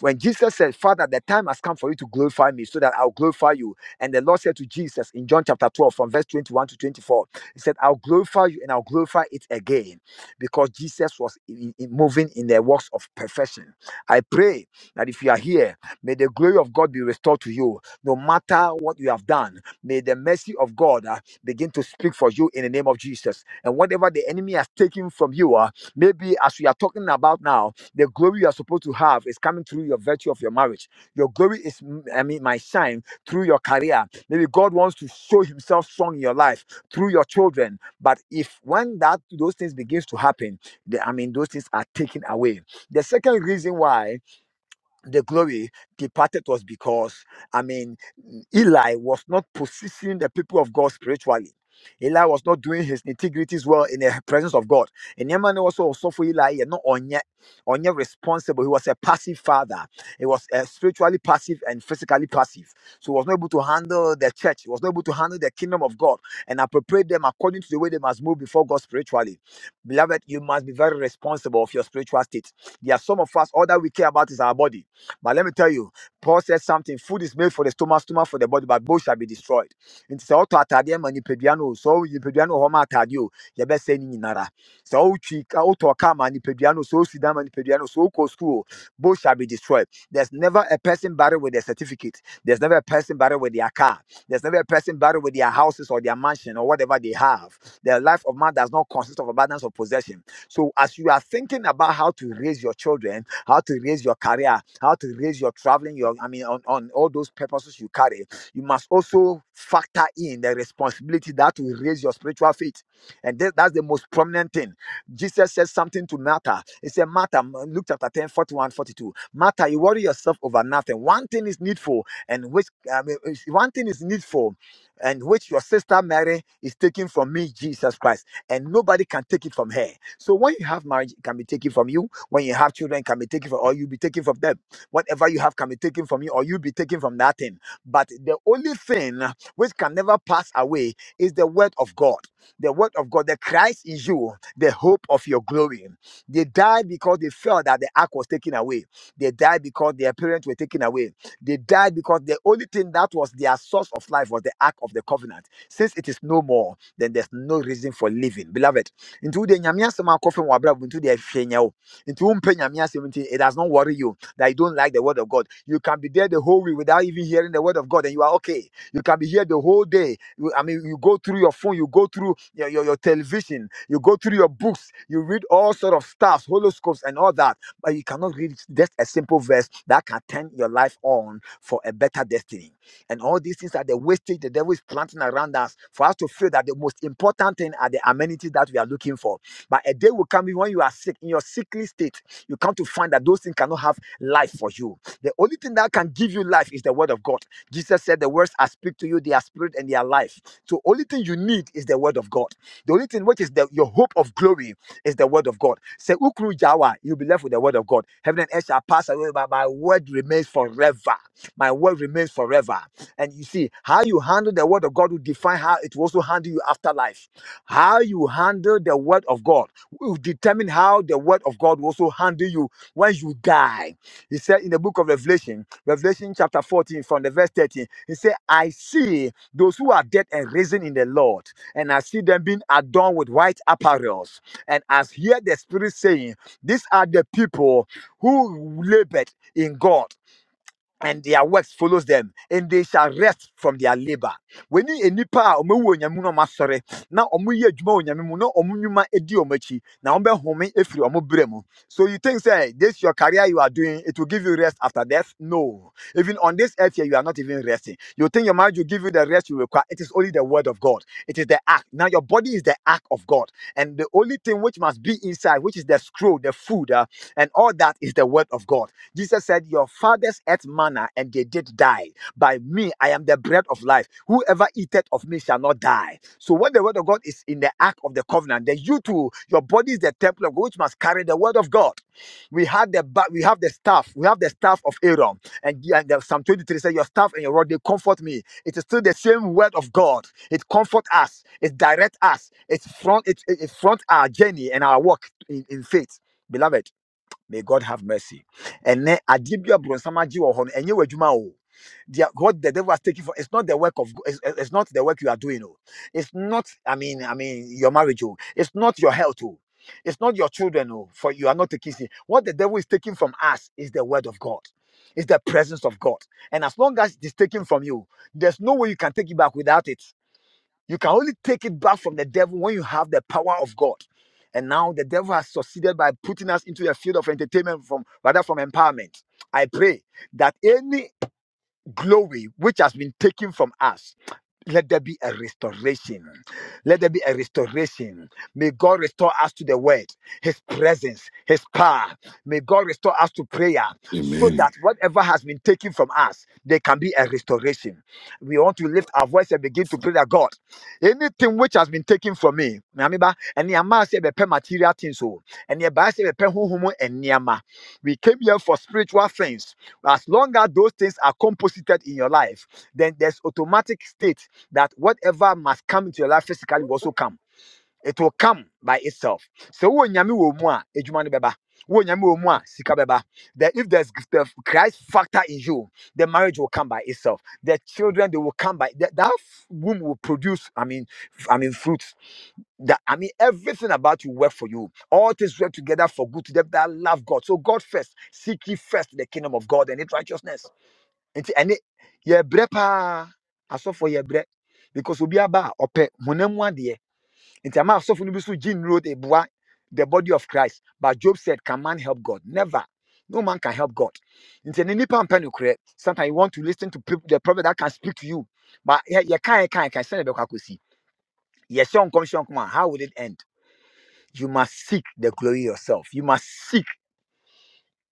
When Jesus said, Father, the time has come for you to glorify me so that I'll glorify you. And the Lord said to Jesus in John chapter 12, from verse 21 to 24, He said, I'll glorify you and I'll glorify it again because Jesus was in- in- moving in the works of perfection. I pray that if you are here, may the glory of God be restored to you no matter what you have done, may the mercy of God uh, begin to speak for you in the name of Jesus. And whatever the enemy has taken from you, uh, maybe as we are talking about now, the glory you are supposed to have is coming through your virtue of your marriage. Your glory is, mm, I mean, my shine through your career. Maybe God wants to show Himself strong in your life through your children. But if when that those things begins to happen, the, I mean, those things are taken away. The second reason why the glory departed was because, I mean, Eli was not possessing the people of God spiritually. Eli was not doing his integrities well in the presence of God. And Yemen also also for Eli, you know, onye, onye responsible. He was a passive father. He was uh, spiritually passive and physically passive. So he was not able to handle the church. He was not able to handle the kingdom of God and appropriate them according to the way they must move before God spiritually. Beloved, you must be very responsible of your spiritual state. There are some of us, all that we care about is our body. But let me tell you, Paul said something. Food is made for the stomach, stomach for the body, but both shall be destroyed. Nti sɛ ɔtɔ atadeɛ ma nipadua no o, sɛ ɔwo nipadua no wɔ hɔ ma atadeɛ o, yɛbɛsɛe no nyinara. Sɛ wotwi ka wotɔ car ma nipadua no sɛ wosi dan ma nipadua no sɛ wokɔ school o, both shall be destroyed. There's never a person buried with their certificate. There's never a person buried with their car. There's never a person buried with their houses or their mansion or whatever they have. The life of man does not consist of abundance of possession. So as you are thinking about how to raise your children, how to raise your career, how to raise your traveling, your I mean on, on all those purposes you carry, you must also factor in the responsibility that will raise your spiritual faith. And that- that's the most prominent thing. Jesus said something to Martha. He said, Martha, m- Luke chapter 10, 41, 42. Martha, you worry yourself over nothing. One thing is needful, and which I mean, is- one thing is needful, and which your sister Mary is taking from me, Jesus Christ, and nobody can take it from her. So when you have marriage, it can be taken from you. When you have children, it can be taken from, or you will be taken from them. Whatever you have can be taken from you, or you will be taken from that thing. But the only thing which can never pass away is the word of God. The word of God, the Christ in you, the hope of your glory. They died because they felt that the ark was taken away. They died because their parents were taken away. They died because the only thing that was their source of life was the ark of the covenant. Since it is no more, then there's no reason for living. Beloved, nti wode nyame asɛm akɔfam w'abrabɔ nti wode ahwɛ nyɛ wo nti wompɛ nyame asɛm nti it does not worry you that you don't like the word of god you can be there the whole week without even hearing the word of god and you are okay you can be here the whole day You- i mean you go through your phone you go through your, your, your television you go through your books you read all sort of stuff horoscopes and all that but you cannot read just a simple verse that can turn your life on for a better destiny and all these things are the wastage the devil is planting around us for us to feel that the most important thing are the amenities that we are looking for. But a day will come when you are sick, in your sickly state, you come to find that those things cannot have life for you. The only thing that can give you life is the word of God. Jesus said, The words I speak to you, they are spirit and they are life. So only thing you need is the word of God. The only thing which is the, your hope of glory is the word of God. Say Ukru Jawa, you'll be left with the word of God. Heaven and earth shall pass away, but my word remains forever. My word remains forever. And you see, how you handle the word of God will define how it will also handle you after life. How you handle the word of God will determine how the word of God will also handle you when you die. He said in the book of Revelation, Revelation chapter 14, from the verse 13, he said, I see those who are dead and risen in the Lord, and I see them being adorned with white apparels. And as hear the Spirit saying, These are the people who labored in God and their works follows them, and they shall rest from their labor. When you nipa omu wo nyamu no masore, na omu ye adwuma wo nyamu mu, na omu nyuma edi omu akyi, na omu home efiri omu brɛ mu. So you think say this your career you are doing, it will give you rest after death? No. Even on this earth here, you are not even resting. You think your marriage will give you the rest you require. It is only the word of God. It is the act. Now your body is the act of God. And the only thing which must be inside, which is the scroll, the food, uh, and all that is the word of God. Jesus said, Your fathers ate manna and they did die. By me, I am the bread of life. Whoever eateth of me shall not die. So when the word of God is in the ark of the covenant, then you too, your body is the temple of God, which must carry the word of God. We had the ba- we have the staff, we have the staff of Aaron. And, and the- Psalm 23 said, Your staff and your rod, they comfort me. It is still the same word of God. It comforts us, it directs us, it front, it, it it front our journey and our walk in in faith. Beloved. May God have mercy. And then Adibia Bronsamaji or Hon, and you were Juma. o. They are- What the devil has taken for it's not the work of Go- it's, it's it's not the work you are doing. Oh. It's not, I mean, I mean your marriage, oh. it's not your health, oh. it's not your children, oh, for you are not taking sin. What the devil is taking from us is the word of God. It's the presence of God. And as long as it is taken from you, there's no way you can take it back without it. You can only take it back from the devil when you have the power of God. And now the devil has succeeded by putting us into a field of entertainment from rather from empowerment. I pray that any glory which has been taken from us. Let there be a restoration. Let there be a restoration. May God restore us to the word, His presence, His power. May God restore us to prayer so Amen. that whatever has been taken from us, there can be a restoration. We want to lift our voice and begin to pray that God, anything which has been taken from me, remember, and the material things, and the we came here for spiritual things. As long as those things are composited in your life, then there's automatic state that whatever must come into your life physically will also come. It will come by itself. So wo nyame wo mu a ejuma no beba. Wo nyame wo mu a sika beba. That if there's the Christ factor in you, the marriage will come by itself. The children they will come by. That, that womb will produce. I mean, I mean fruit that I mean everything about you work for you. All things work together for good to them that love God. So God first, seek ye first the kingdom of God and its righteousness. Nti ɛne yɛbrɛ paa asɔfo yɛbrɛ because obi aba a ɔpɛ honam mu adeɛ. Nti ama asɔfo no bi so gye nnuro de boa the body of Christ. But Job said, can man help God? Never. No man can help God. Nti ɛne nipa mpɛ nokorɛ. Sometimes you want to listen to people, the prophet that can speak to you. But yɛka yɛka yɛka sɛne bɛkɔ akɔsi. Yɛhyɛ nkɔm hyɛ nkɔm a how would it end? you must seek the glory yourself. You must seek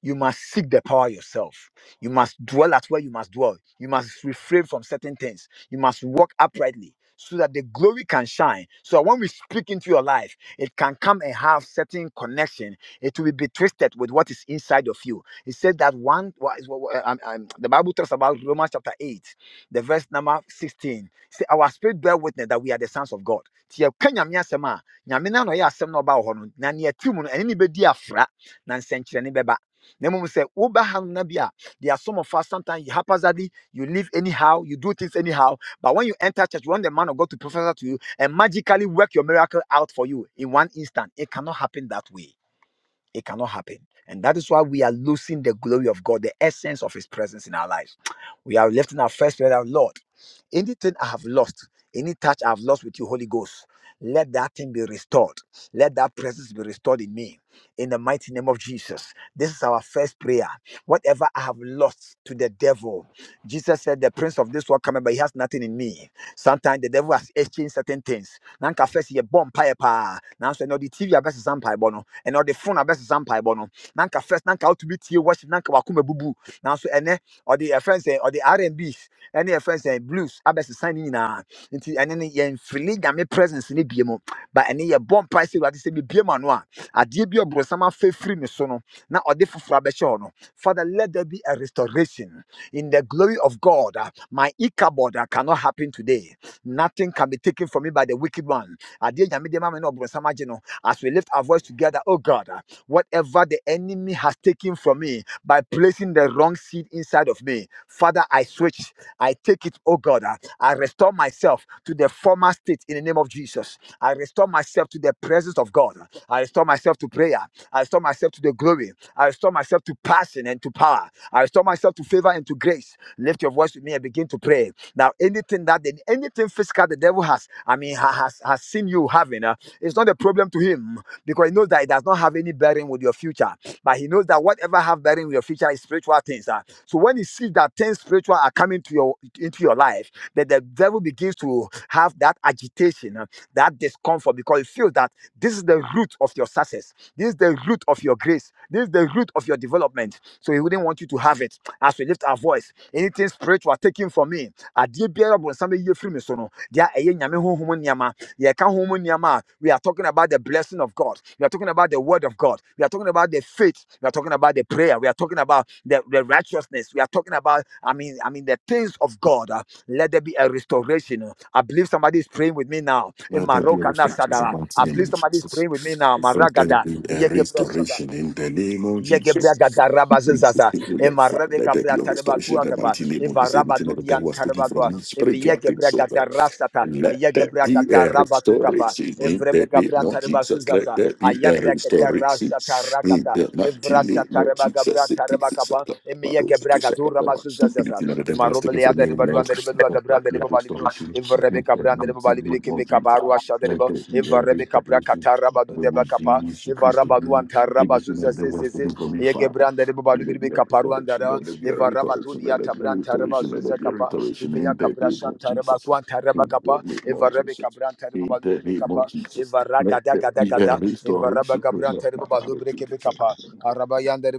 you must seek the power yourself. You must dwell at where you must dwell. You must refrain from certain things. You must walk uprightly so that the glory can shine. So when we speak into your life, it can come and have certain connection. It will be twisted with what is inside of you. It said that one, what is- what- what- um, um, the Bible talks about Romans chapter 8, the verse number 16. Say, our spirit bear witness that we are the sons of God. Nti yɛka Nyame asɛm a, Nyame na na ɔyɛ asɛm na ɔbaa wɔ hɔ no, na nea ɛtim no, ɛne ne bɛdi afra, na nsɛnkyerɛnne bɛba na mmom sɛ woba ha no na bi a there are some of us sometimes you haphazardly you live anyhow you do things anyhow but when you enter church you want the man of god to prophesy to you and magically work your miracle out for you in one instant it cannot happen that way it cannot happen. And that is why we are losing the glory of God, the essence of His presence in our lives. We are lifting our first prayer out, Lord. Anything I have lost, any touch I have lost with you, Holy Ghost, let that thing be restored. Let that presence be restored in me. In the mighty name of Jesus. This is our first prayer. Whatever I have lost to the devil, Jesus said, The prince of this world cometh, but he has nothing in me. Sometimes the devil has exchanged certain things. Nanka can first ye bomb pie pa. Now so no the TV best some pie bono. And all the phone are best some pie bono. Nanka first nanka out to be tea worship nanka wakume bubu. Now so ene or the eh, friends say or the R&Bs and B's. Any uh, friends say blues abes signing in a into and then ye freely game presence in the BMO. But any ye bomb price say what is be BMO. A dear be a brosama fe free me sono. Now or the fufu no. Father, let there be a restoration in the glory of God. uh, My Ichabod uh, cannot happen today. Nothing can be taken from me by the wicked one. Ade nyame de ma me na ɔborɔnsam agye no. bro, Sama, you know, As we lift our voice together, oh God, uh, whatever the enemy has taken from me by placing the wrong seed inside of me, Father, I switch. I take it, oh God. uh, I restore myself to the former state in the name of Jesus. Jesus. I restore myself to the presence of God. I restore myself to prayer. I restore myself to the glory. I restore myself to passion and to power. I restore myself to favor and to grace. Lift your voice with me and begin to pray. Now, anything that the, anything physical the devil has, I mean, ha- has has seen you having, uh, it's not a problem to him because he knows that it does not have any bearing with your future. But he knows that whatever have that in your future is spiritual things. ah. So when he sees that things spiritual are coming to your into your life, that the devil begins to have that agitation, ah, that discomfort, because he feels that this is the root of your success, this is the root of your grace, this is the root of your development. So he wouldn't want you to have it. As we lift our voice, anything spiritual taken from me, ayi firi me so no deɛ ɛyɛ nyame honhom nneɛma yɛka honhom nneɛma we are talking about the blessing of god we are talking about the word of god we are talking about the faith we are talking about the prayer we are talking about the, the righteousness we are talking about i mean i mean the things of god Uh, let there be a restoration i believe somebody is praying with me now in Let there be a Maroka reflection in Sadara. the mighty i name believe of somebody is Jesus. praying with me now Let there maragada be a Yegebra Sadara. restoration in the name of Yegebra Jesus. gadaraba We insist zezaza. in the Lord, Ema Father, rebe Let there kabra be a tareba restoration tua in the Evaraba mighty name of Eva Jesus. Anything that the dudi an devil has taken tareba from dua. me, Evi spiritual things, yegebra so Lord. gadarasata. Let there Yegebra be a gadaraba tutapa. restoration in Evrebe the name gabra of tareba Jesus. Let suzaza. there be a Ayebra restoration keterasa in tarakata. the mighty Evrasa name of tareba gabra Jesus. It is tareba a kapa. sacrifice of Emi our own yegebra to gadura sacrifice. masuzazaza. Anything that the devil Ema has taken robele from me, O adareba dua Lord, adareba dua let there gabra be a Dereba balibiro. restoration Eva rebe in the kabra adareba mighty name balibiro of kebe Jesus, kabaru let ashadareba. there be Eva a rebe kabra restoration kataraba of dudeba kapa. Jesus Eva Christ raba in duan me. taraba Anything that the was suzaza taken from me, Yege Father. branda de Let there be be a kaparuanda restoration, ra. let there be a Eva rabatu restoration, di let there be a atabran taraba restoration, let there zuza be a kapa. restoration Eva ya in the name of taraba Jesus. kuan taraba In the kapa. name of Eva rebe Jesus. kabran taraba In babalu the di be name of kapa. Jesus. Eva Let ragada there gada be a gada. Eva raba restoration. kabran taraba babalu di be kapa. Araba yanda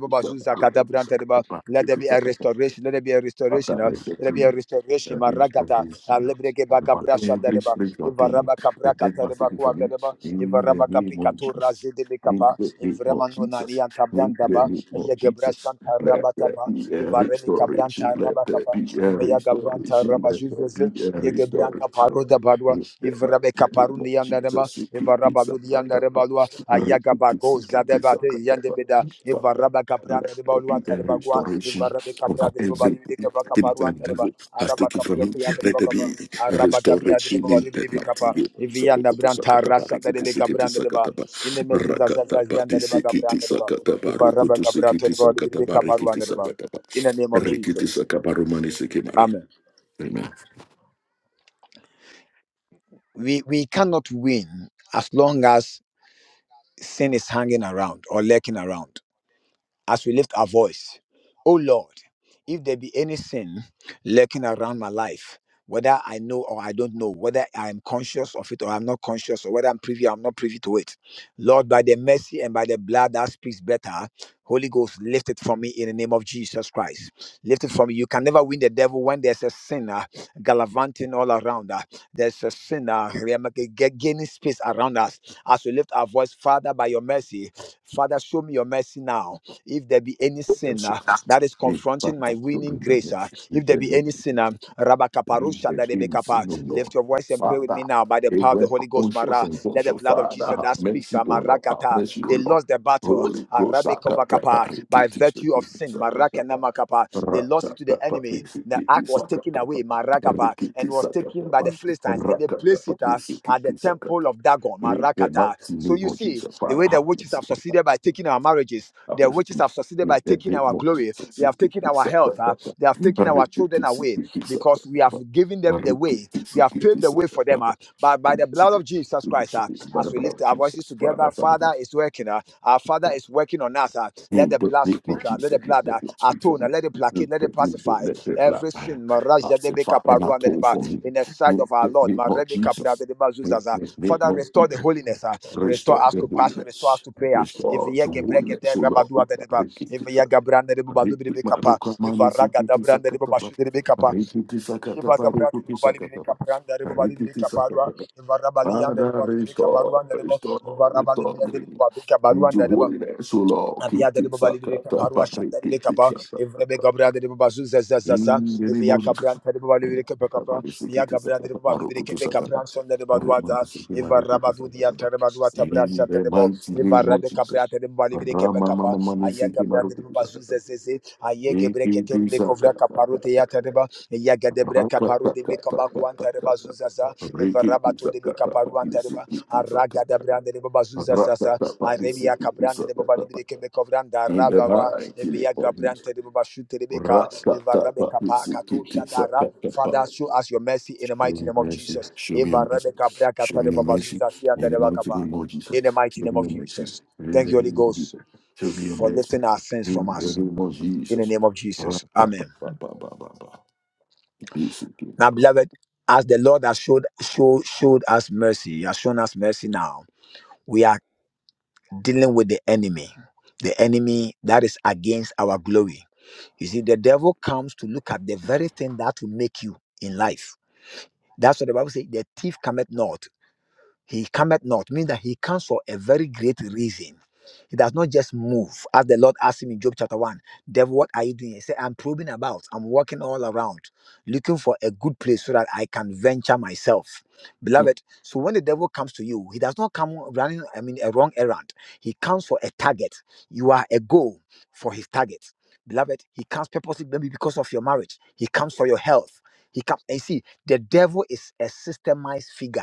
taraba. Let there be a restoration. Let there be a Father, restoration. uh, let Let there be a restoration. there be a Maragata. restoration Alebreke over bakabrashan every taraba. spiritual Eva thing raba kabra that they must kataraba take kuan from you taraba. in the Ivaraba name kapika of to Jesus. razi de In bekapa. the name of Ivrema no nani Jesus, in the antabran name of Yegebra Jesus, Santa let there Rabakapa, be a Ivareli restoration, Cabranta let there Rabakapa, be a Emeya Gabranta restoration, let there Rabajuze, be a restoration. Yegebranca Paroda Badua, In the Ivrabe mighty name of Caparuni Yandarema, Jesus, we keep this up, Ivarabalu up, up, up. Yandarebalua, Re- keep this, Ayagabago we keep this up, Zadebate up, up, up. Yandebeda, Father, Ivaraba Cabran let de there Balua be a Tarebagua, restoration Ivarabe Cabra of de everything Babali that the Caparuan Tereba, devil has Araba taken from Capia him. de Let there Bacapa, be a Araba Capia de restoration in the Babali mighty Capa, name of Jesus. Re- Ivianda keep this, Branta keep this, Rasa re- keep this, de keep Cabran this, de Deba, keep in this. the Messes as Rakataba, Yanda de this, keep Bagabran this, keep this. in Ru- the keep this, keep this, keep this. Re- keep this, keep this, keep this. name of Re- keep this, Jesus. keep this, keep this. Amen. Amen. We we cannot win as long as sin is hanging around or lurking around. as we lift our voice. Oh Lord, if there be any sin lurking around my life, whether I know or I don't know, whether I am conscious of it or I'm not conscious, or whether I'm privy or I'm not privy to it, Lord, by the mercy and by the blood that speaks better, Holy Ghost, lift it from me in the name of Jesus Christ. Lift it from me. You can never win the devil when there's a sinner gallivanting all around us. There's a sinner gaining space around us. As we lift our voice, Father, by your mercy, Father, show me your mercy now. If there be any We sin uh, Father, that is show confronting my me winning my grace, uh, nation. We if there be believe any in sin, it. um, We Rabakaparusha believe da in Debekapa, sin, O Lord. lift your voice and pray with Father, me now by the power of the every Holy Ghost. conscious Mara, and let the conscious blood of Father, Jesus have that speaks, mercy, uh, O Lord. Have Marakata, mercy, O they Lord. lost the battle, Holy uh, Ghost, Sakatapa, Rabekovakapa, by Rikiti, virtue of sin, Sakatapa, Marakanamakapa, they lost it to the Rakatapa, enemy. The Sikiti, ark was taken Sakatapa, away, Marakapa, Rikiti, and was taken by the Sakatapa, Philistines, and they placed Rakatapa, it uh, at the Sikiti, temple Sakatapa. of Dagon, In the mighty Marakata. So name you of see, Jesus, the Father, way the have witches have mercy. succeeded by taking our marriages, By their witches have succeeded by taking our glory. They have taken our health. ah. They have taken our children away because we have given them the way. We have paved the way for them. ah. But by the blood of Jesus Christ, ah, as the we blood lift of our voices Jesus, Father, together, that's on the Father is working. ah. Our Father is working on us. ah. Let In the the blood name of speak. ah. Jesus, Let the let blood the ah, blood speak for atone. ah. me. Let it placate. In Let the it name of- pacify Let the blood every sin. Maraja debe pacify and kaparu and atone deba for me. in the sight In of our the Lord. name of Marebe kapra Jesus, de de ba in zuzaza. the name Father, of restore the Jesus, holiness. ah. Restore restore us the to passion. Restore us holiness. to prayer. Restore Evia to holiness, gebregede O Lord. rabadua de deba. Evia gabrande de baba lubi Riki de kapa. maruka mani Evaraga da sikiti brande de baba sakataba. shude de kapa. Rikiti Jeba sakataba gabrande de rukutu baba libi de sakataba. kaprande de baba libi de Rikiti kaparua. sakataba. Evarabali ande de Father, baba libi de kabarua restore, ande de baba. restore, Evarabali restore de me baba de with your kabarua holiness, O Lord. Abia de Kiti baba libri ka parwa sakataba, shada de rikiti kapa evre be sakataba. gabra de baba zazaza za za za za In the name evya of kabra Jesus. ta de baba libri Sakataba, miya sikiti gabra de baba sakataba, libri ka rukutu be sakataba. son de baba duada Rumani sikima, eva rikiti rabadu dia sakataba. ta de baba duata bra In shata the de bo mighty eva name of rabe kabra Jesus. ta de baba libri ka be Rama kapa mama mani aya sikima, gabra de rukutu baba zu sakataba. za za za aye In gebre ke the ter be kovra ka de ba ya gade bre ka paro de be kapa ko an de baba eva rabatu de be Aragada brande de baba zuza zaza. Arabia cabrande de baba libre que me cobranda arababa. mighty name Evia of Jesus. cabrante de baba shute de beca. Eva rabeca pa kato shatara. Rakatapatisikitisakat. Father, show us your mercy in the Show mighty me name of mercy. Jesus. Show me your Eva mercy. rabeca bra Show kata de me your baba mercy. zuza si anda In de the baka mighty pa. name of Jesus. In the mighty Show name me of your mercy. Jesus. In Thank the you, Holy name of Ghost, Jesus. Show me your for mercy. lifting our sins from In the us. name of In the Jesus. name of Jesus. Amen. basically Now, about beloved, as the Lord has showed, show, showed us mercy, He has shown us mercy now we are. dealing with the enemy. The enemy that is against our glory. You see, the devil comes to look at the very thing that will make you in life. That's what the Bible says the thief cometh not. He cometh not, means that he comes for a very great reason. He does not just move. As the Lord asked him in Job chapter 1, Devil, what are you doing? He said, I'm probing about. I'm walking all around, looking for a good place so that I can venture myself. it. Beloved, so when the devil comes to you, he does not come running, I mean, a wrong errand. He comes for a target. You are a goal for his target. Beloved, he comes purposely, maybe because of your marriage. He comes for your health. He comes, and you see, the devil is a systemized figure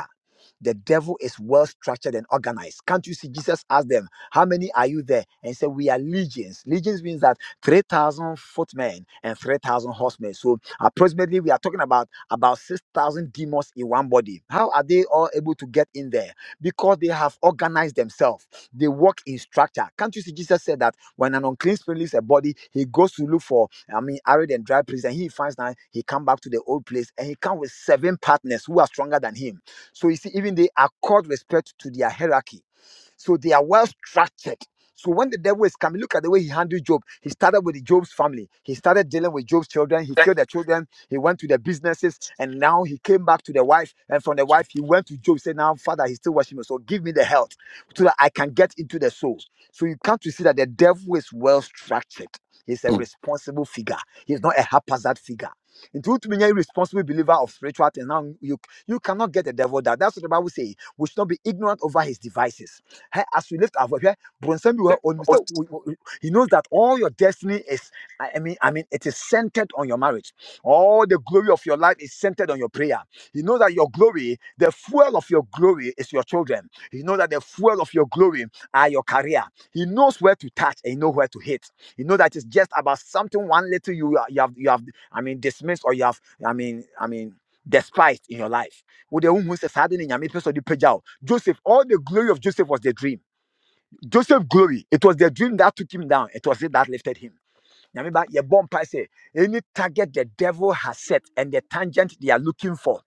the devil is well structured and organized. Can't you see? Jesus asked them, How many are you there? And he said, We are legions. Legions means that 3,000 footmen and 3,000 horsemen. So approximately, we are talking about about 6,000 demons in one body. How are they all able to get in there? Because they have organized themselves. They work in structure. Can't you see? Jesus said that when an unclean spirit leaves a body, he goes to look for, I mean, arid and dry place, and he finds that he come back to the old place, and he come with seven partners who are stronger than him so you see, even they accord respect to their hierarchy. So they are well structured. So when the devil is coming, look at the way he handled Job. He started with the Job's family. He started dealing with Job's children. He killed the children. He went to the businesses, and now he came back to the wife. And from the wife, he went to Job. He Said, "Now, Father, he's still watching me. So give me the health, so that I can get into the soul." So you come to see that the devil is well structured. He's a Mm, responsible figure. He's not a haphazard figure. Into ultimately a responsible believer of spiritual things. Now you you cannot get the devil down. That's what the Bible says. We should not be ignorant over his devices. Hey, as we lift our voice, yeah, Bronson, we were on- we say- we- we- he knows that all your destiny is, I I mean, I mean, it is centered on your marriage. All the glory of your life is centered on your prayer. He knows that your glory, the fuel of your glory is your children. He knows that the fuel of your glory are your career. He knows where to touch and he knows where to hit. He knows that it's just about something one little you, you have you have I mean dismissed or you have I mean I mean despised in your life. With the wohu sɛ saa ade ne Nyame pɛ sɛ ɔde pagya wo. Joseph, all the glory of Joseph was the dream. Joseph glory, it was the dream that took him down. It was it that lifted him. Nyame ba, yɛbɔ mpae say Any target the devil has set and the tangent they are looking for,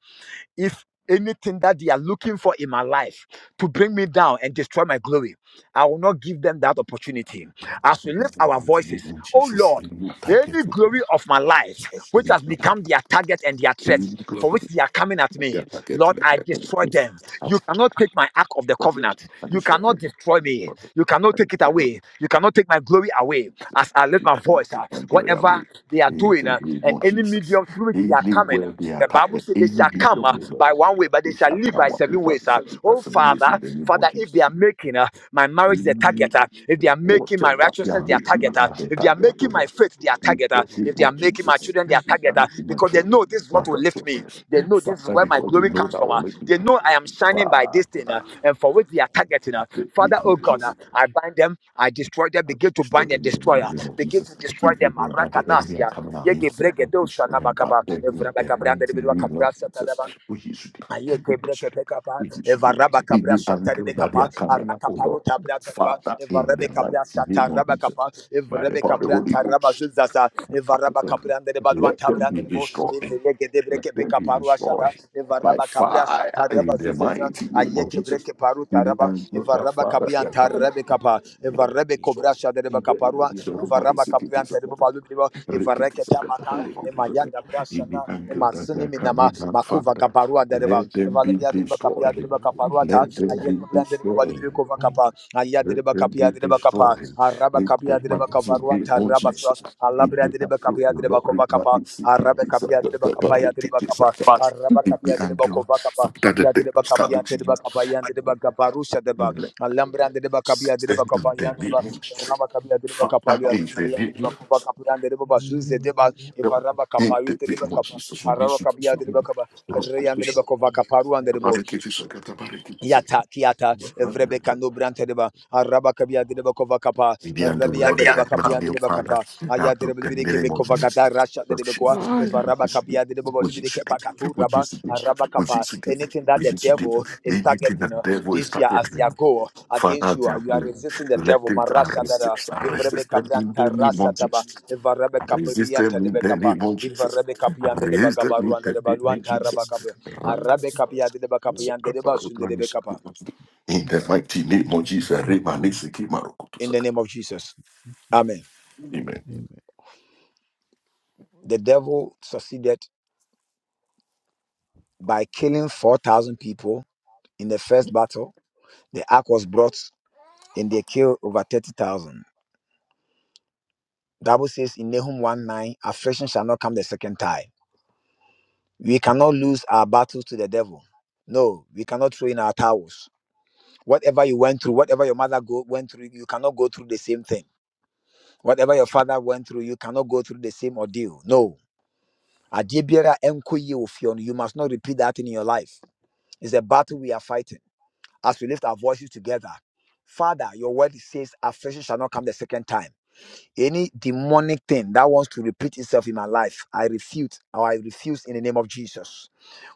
if anything that they are looking for in my life to bring me down and destroy my glory, I will not give them that opportunity. As we lift our voices, mm. oh Jesus, Lord." they look like it. Any They look like- glory of my life, which has become their target and their they threat, look for which like- they are coming at they me, are like it, Lord, they I are destroy them. You like cannot take my ark of the it. covenant. I destroy them. I You destroy cannot them. destroy I me. destroy them. You cannot I take it destroy away. them. You cannot take my glory away. As Jesus, I lift you my cannot voice, uh, take my glory away. whatever they are In doing, the uh, name and of any Jesus, medium through which they are coming, uh, anywhere they the attack Bible the says they shall enemy come of the uh, by Lord, one way, but they they shall shall leave by come up seven with that. ways. They uh. shall be Oh, that's in the same ways Father, in the name of Father, if they are Jesus. making, uh, my marriage is a target. ah. If they are making Water my back their righteousness their making target, and ah. their if they are target, oh making my Lord. faith their In target, ah. the name if they are of making my Jesus, children their in target, the ah. meeting my because they children, know this is my what will lift me. righteousness. They know this is Father, where my because they glory know comes that from. ah. They only know I am shining by Father, this thing, ah, and for which they are targeting. ah. Father, oh God, ah, Jesus, I bind them, I destroy them, begin to destroy bind them. and destroy. ah. Begin to destroy Even them. that the enemy are Arakanasia. coming at me Yege brege and back nabakaba. them Evrabagabranda de to me, Lord. Jesus. bedwa We Aye would kebre kepe kapa, be eva today. raba In kabra the shata angle rebe that they kapa, are coming at, araka oh paru Lord. tabra tareba, Father, eva in rebe the kabra mighty shata name of raba Jesus, kapa, eva my rebe kabra Lord. taraba zuzaza, eva raba kabra ndereba luan Let them tabra be nderebo, eva destroyed. ye kebre Let kepe them be kapa ru ashada, destroyed evaraba by raba kabra fire shata in raba the zuzaza, mighty name aye of kebre Jesus. keparu In the taraba, hand of eva the raba Father, kabia the Father, kapa kapa and the be evarebe destroyed. kovrasha dereba In the name of kaparua Jesus, everybody evaraba seek it is a kaprianta dereba letter. balubriba Ricket is a evarekete cup of amaka a good liquor. emayanda In the brashana angle that we emasini are minama coming out, makuva Father, kaparua dereba let them be evalebia dereba kapia destroyed. dereba kaparua ta Let ayekme them be brande dereba balubri destroyed. kova kapa aya Let dereba them be kapia dereba kapa destroyed. araba Let kapia them dereba be in kavaruanta Lord raba swa Jesus. In the alabra name of dereba the kapia dereba Lord, it might bakapa be sick, it arabe is a- kapia the- tiri the- bakapa the- ya it- tiri it is a- bakapa But- araba it be kapia tiri until bakova kapa after the ya day tiri bakapa ya started to tiri you. bakapa ya I tiri will bakapa let alambra ya tiri bakapa ya tiri them bakapa in ya the tiri name of Jesus. bakapa kapia tiri bakapa Father, ya in the ya tiri name of bakova Jesus. kapa ivaraba In kapa yu the tiri name of bakapa Jesus, we araba need you to kapia show tiri me. bakapa Rose, re ya tiri bakova it is a- tabaraki, it is Yata kiata a- vrebeka no brante deba araba kabia de kova kapa Maybe I'm doing rabi what ande deba I can have de your deba father. kapa Now, aya de put pen in libiri the kebe name of kova Jesus. gata rasha What you deba should do, kwa what varaba you should do, kapia de what you libiri kepa should do, katu what you raba should do, araba what you kapa should do, anything that what the you should devil do. is Anything targeting that the devil is this year as they targeting, go against Father, you. they are You are willing. resisting the Let devil. it I Marasha dada. resist. I Ivrebe resist them in the kabrianta name rasa of taba. Jesus. Ivarebe I resist kabrianta them in debe the kapa. name of Jesus. Ivarebe I kapianda deba resist them in gabaruanda the deba name of luanta raba Jesus. kapia. Arabe kapianda deba kapianda deba sunde debe kapa. In the mighty name of Jesus, Rema Nisiki Marokoto In the Saka. name of Jesus. Amen. Amen. The devil succeeded by killing 4,000 people in the first battle. The ark was brought and they killed over 30,000. Bible says in Nahum 1 9, affliction shall not come the second time. We cannot lose our battles to the devil. No, we cannot throw in our towels. Whatever you went through, whatever your mother go, went through, you cannot go through the same thing. Whatever your father went through, you cannot go through the same ordeal. No. Adeɛ biara a ɛnkɔ yie wɔ fie no, You must not repeat that in your life. It's a battle we are fighting. As we lift our voices together, Father, your word says affliction shall not come the second time. Any demonic thing that wants to repeat itself in my life, I refute or I refuse in the name of Jesus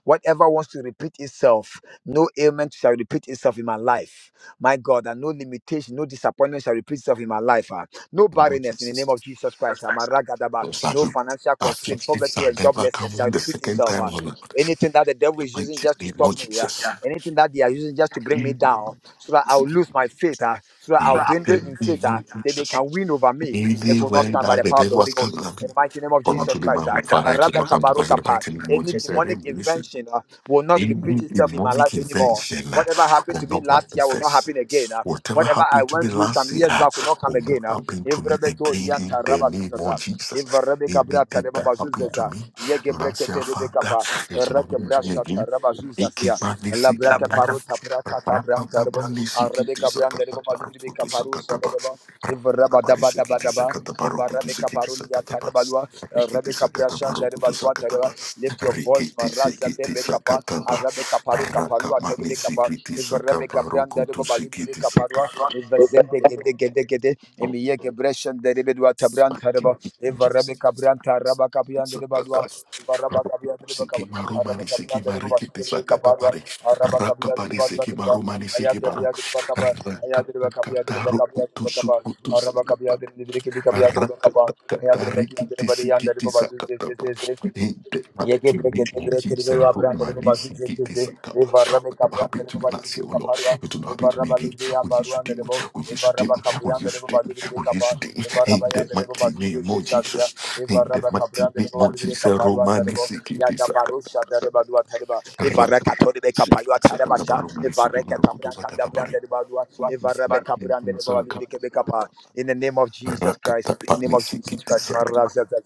whatever wants to repeat itself, no ailment shall repeat itself in my life. My God, and no limitation, no disappointment shall repeat itself in my life. ah. No barrenness in the name of Jesus Christ. I'm a ragadaba. Those are No who financial constraint, afflictions poverty, are and never come joblessness shall the repeat second itself. time, ah. oh Lord. Anything that the devil The is using mighty just to name of stop me. yeah. Jesus. Anything that they are using just to bring me In down, so that I'll lose my faith, ah, so that In I'll dwindle the in faith, name ah, of that they Jesus. can win over me. It will not Anywhere stand by the that the power of the devil Holy was Ghost. coming at In me. the mighty name of For not Jesus to be my Christ, ah, home, Father, it will Rabba not come to pass in the Barukapa, mighty name of any Jesus. I demonic remain innocent. invention ah, will not Any repeat itself in my demonic life anymore. invention uh, Whatever happened will to me not last year will not manifest. happen again. ah. Whatever Whatever I happened to went me through some last year years uh, back will not come will again. not ah. happen to me Evrebedo again in dianta the Rabba name of Zuzaza. Jesus. Ivarebe kabra Anything tareba that happened to bazuzeza. me Yege last year, brekete rebe Father, kapa. it will not Reke happen to me brasha again. tareba zuzazia. La Ikibanisiki, breke paru tapra tata bran tarebo. rapatabranisiki, Arebe kabran dereba balibri be kaparu tisakatabarukutusakataba, sadereba. Ivaraba daba rakatabarisiki, daba daba. Ivarebe tisakatabarukutusiki, kaparu liya tisakataba, tareba lua. Rebe kabra shan dereba tua tareba. rikitisakatabarukutusakataba, Lift your voice, Maraza rikitisiki, Debe Kappa, tisakataba. Arabe Kaparu Kapalua Rakamani Terebe sikiti Kappa, Manda sakabaroku de tu Baba Libri de sikiti Caparua, sakabaro. Evazende Gede Gede Gede, Emiye Gebreshen de Ribedua Tabran Tareba, Eva Rabbe Cabran Taraba Capian de Badua, Sakakas. Baraba Capian de Bacaba, Araba Sikimarumani Capian de Baba sikimarikiti de Caparua, sakakapari. Araba Capian de Rakapari Badua de Baba, sikimarumani Ayaka sikimaru. Bia de Bacapa, Ayaka de Bacapia de Bacapia Rakapakataroku de tu Bacapa, sukutu Araba Capia de Libriki Bicapia de Bacapa, Ayaka de Bacia de Badian de Rakatakatarikitisikitisakataba. Baba In the Yeke mighty breke name te of breke ribe Jesus, wa branda ribe basu se se se. Romanisikitisakaba. Evarra be Whatever kabra tere happened to me ba libre be bali last ribe year, oh Lord, kaparwa. it will not happen to Evarra me ba again. libre ya Oh, yes, baru you ande did. ribo. Oh, yes, you Evarra did. ba kapri Oh, ande yes, you ribo ba did. libre be Oh, yes, kapa. you did. Evarra In ba the yande ribo mighty basu se name of se sasya. Jesus. In Evarra the ba kabra mighty ande ribo name ba of libre Jesus, kaparu ande ribo. Ya da Romanisikitisak- baru shada riba dua tere ba. Evarra kato ribe kapayu atare ba sha. Evarra Rakatakatarikitisikitisakantabaromanisiki- ke Marokoto- tabra kanda Sakatabari. branda riba dua. Evarra be kapra ande ribo ba libre ke be kapa. In the name of Jesus Christ. In the name Rakatapani of Your Jesus sikiti Christ. saka. Marra za za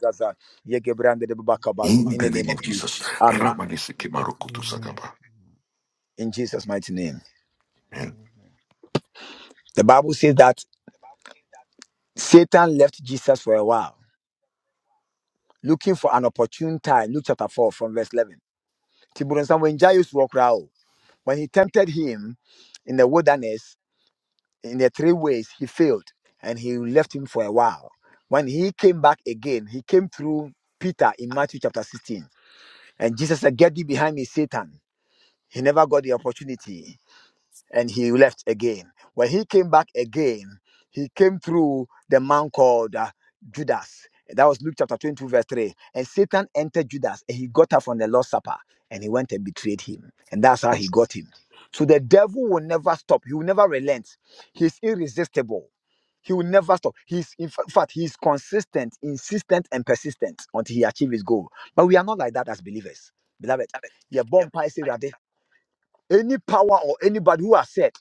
Yegebrandedebabakabaro, In In the the name name of of Jesus. Jesus. Amen. Ramani siki name marokutu Amen. sakaba. In Jesus' mighty name. Amen. The Bible says that Satan left Jesus for a while, looking for an opportune time. Luke chapter 4, from verse 11. Ti buronsa When Jairus walked out, when he tempted him in the wilderness, in the three ways, he failed and he left him for a while. When he came back again, he came through Peter in Matthew chapter 16. And Jesus said, Get thee behind me, Satan. He never got the opportunity. and he left again. When he came back again, he came through the man called uh, Judas. That was Luke chapter 22, verse 3. And Satan entered Judas and he got up from the Lord's Supper and he went and betrayed him. And that's how he Yes. got him. So the devil will never stop, he will never relent. He's irresistible. He will never stop. He's in fa- fact, he's consistent, insistent, and persistent until he achieves his goal. But we are not like that as believers. Beloved, You your bomb any power or anybody who has said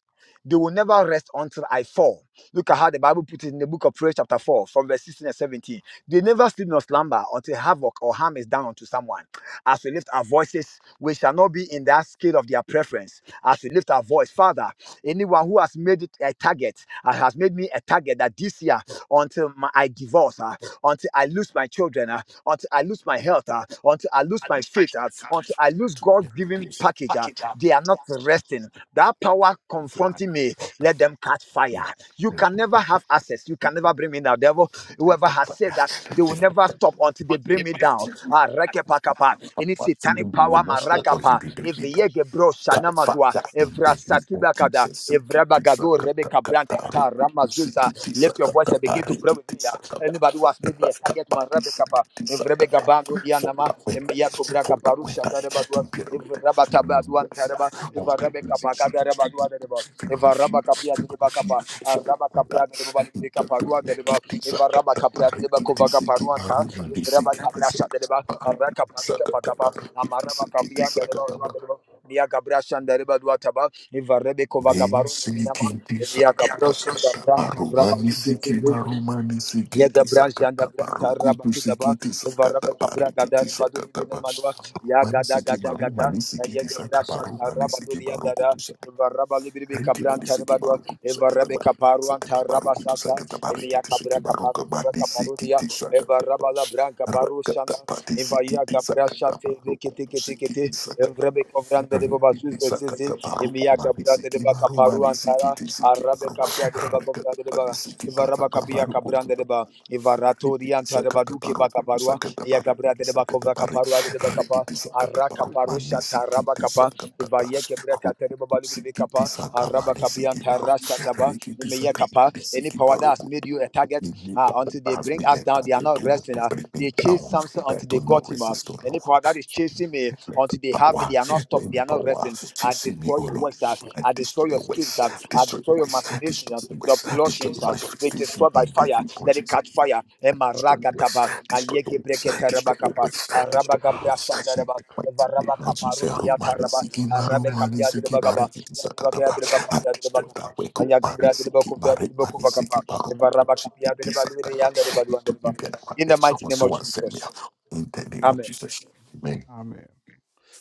they will never rest until I fall. Look at how the Bible puts it in the book of Proverbs, chapter 4, from verse 16 and 17. They never sleep nor slumber until havoc or harm is done unto someone. As we lift our voices, we shall not be in that scale of their preference. As we lift our voice, Father, anyone who has made it a target, uh, has made me a target that this year, until my, I divorce, uh, until I lose my children, uh, until I lose my health, uh, until I lose my faith, uh, until I lose God given package. uh, they are not resting. That power confronting me, let them catch fire. You can never have access. You can never bring me down. Devil, whoever has said that, they will never stop until they bring me down. Ah, rekepakapa. Any satanic We will power, not stop until maragapa. they believe. Eviyege bro, shanamadua. Kafaya in the Evra name of satibakada. Jesus, Evra sikiti bagado, sakata rebeka kata brankata, rokutu ramazuza. sikiti Lift your voice sakata and begin to pray with parikiti me. ah. sakata Anybody who has made me a target, rakapati man, sikiti Evrebega sakata. bandu For dianama, that when I, emiyato braka for that when barusha I, tareba to dua, be a man, evraba to be a taba duan man, tareba, I all evarabe pregnancy, kapaka children, tareba street, dua dereba, for my evaraba machine, kapia for my dereba machine, kapa, for that araba when kapia dereba balibre in the name kaparua of dereba, kiti evaraba sakata kapia dereba parikiti kovaga sikiti paruan ta, marunani evraba sikiti tabrasha sakata dereba, parikiti araka paruka sakata pakapa, parikiti amaraba sikiti kapia dereba dua sakata dereba, miya gabrasha dereba dua taba, evarebe kovaga barun miyama, Nisikiti miya sakata kata branta dereba, paruma nisiki raba maruma nisikiti Yagabran sakata Shandabran parukutu Karabatu Daba, sikiti sakata Varaba Kabra Gadara parikiti Badu sakata pa Binamanwa, ruma Yagada nisiki Gada maruma Gada, nisikiti Yagabra sakata paruma Shatarabadu nisiki Yadara, parukutu sakata Varaba Libibi riki Kabran manisiki Tarabadwa, parukutu sakata Varabe parikiti Kaparuan sakata Taraba parukutu Sasa, sakata Emia parikiti Kabra sakata Kaparu paruka Daba Kaparudia, manisikiti sakata pa Varaba Labran Kabaru rakata Shanda, pati Evaya sikiti Gabra sakata Shate, Rikiti parukutu Tikiti, sikiti Vrabe Kovran de Baba kiti Zuz Zizi, Emia Gabra de Baba Kaparuan deba arabe kapia deba Rekata kofia pani deba siki ivaraba tataka kapia paru kutu kabrande taki. deba ivaratori Rekete anta deba sakata duke paru kutu bakaparua sakata ya paru gabra kiti deba sakata kova paru. kaparua deba kapa Rekete sakata araka paru mani parusha siki taraba ti kapa sakata paru. ivaye kebra katere Kutu baba libi siki ti kapa araba sakamani kapia siki maru. tarasha taba Rekete nimeye sakata kapa pani any siki power that paru has kutu. made you a target Any uh, power until That they has bring been us a down they are target not to, resting to uh, bring me they chase down, Samson that I until do they not got him uh, resist the any Lord. power that is chasing me Let the until they have me power, they are not stop. let They me are not power resting. I chasing me, destroy oh your Lord, works. uh, and I destroy destroy your your schemes. ways, uh, I destroy destroy your your ways, machinations. destroy uh, your Your ways, destroy your plottings uh, be manifestation destroyed by in the fire. name of Let it Jesus. catch fire. And Emma Destroy your ways, rakataba. destroy your Ayeke ways, brekete destroy your rabakapa. ways, Araba destroy your gabra ways. In shandaraba. the mighty Varaba name of Jesus, kaparuti Roman is yataraba. seeking my Arabe Roman is kapia Amen. seeking my direbagaba. Rekiti Yadrebakaya Sakataba. I direbakapia destroy direbagaba. that way, good man Ayagabra is seeking my direbakupia Rekman is direbakuvakapa. seeking my Rokutu Varaba kapia Chikiti direbaluidi Sakaba. It took me yandarebaluandereba. better one In day. the mighty Someone, name of someone send me Jesus. out in the name of Amen. Jesus. Amen. Amen.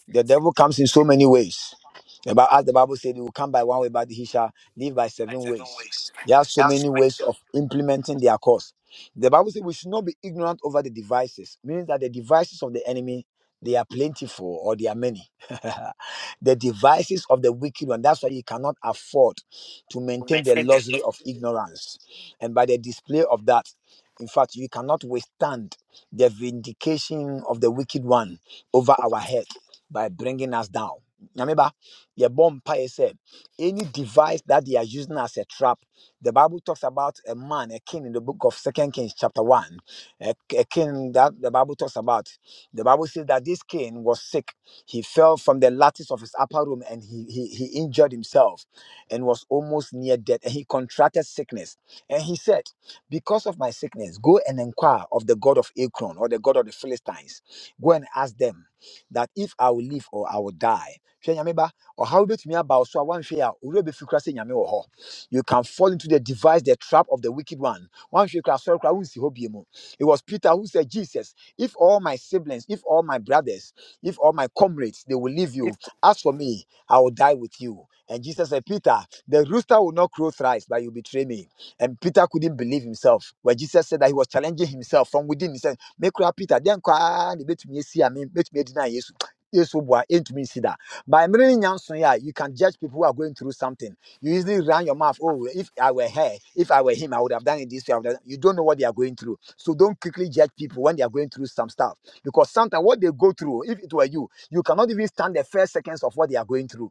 The devil comes in so many ways. About as the Bible said, he will come by one way, but he shall live by I seven said, don't ways. waste. There are so That's many why ways of implementing their course. The Bible says we should not be ignorant over the devices, meaning that the devices of the enemy they are plentiful or they are many. [laughs] the devices of the wicked one. That's why you cannot afford to we maintain the maintain the luxury love of ignorance. And by the display of that, in fact, you cannot withstand the vindication of the wicked one over over our head by bringing us down. Remember, your bomb said any device that they are using as a trap. The Bible talks about a man, a king in the book of Second Kings, chapter one. A, a king that the Bible talks about. The Bible says that this king was sick. He fell from the lattice of his upper room and he he, he injured himself and was almost near death. And he contracted sickness. And he said, Because of my sickness, go and inquire of the God of Ekron or the God of the Philistines. Go and ask them that if I will live or I will die. Hwɛ Nyame ba, ɔhaw bi betumi aba wo so a woanhwɛ yi a, wo werɛ bɛfiri koraa sɛ Nyame wɔ hɔ. You can fall into the device, the trap of the wicked one. Woanhwɛ koraa, sɔre koraa, wonsi hɔ bio mu. It was Peter who said, Jesus, if all my siblings, if all my brothers, if all my comrades, they will leave you, as for me, I will die with you. And Jesus said, Peter, the rooster will not crow thrice, but you betray me. And Peter couldn't believe himself. Where Jesus said that he was challenging himself from within. He said, me kura peter dɛn koraa na ebetumi esi a me betumi edi na yesu [tsk] yesu bua entumi nsi da by mere ne yeah. you can judge people who are going through something you easily run your mouth oh if i were her if i were him i would have done it this way I would have done-" you don't know what they are going through so don't quickly judge people when they are going through some stuff because sometimes what they go through if it were you you cannot even stand the first seconds of what they are going through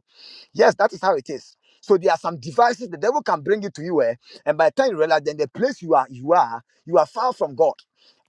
Yes, that is how it is. So there are some devices the devil can bring it to you, eh? and by the time you realize, then the place you are, you are, you are far from God.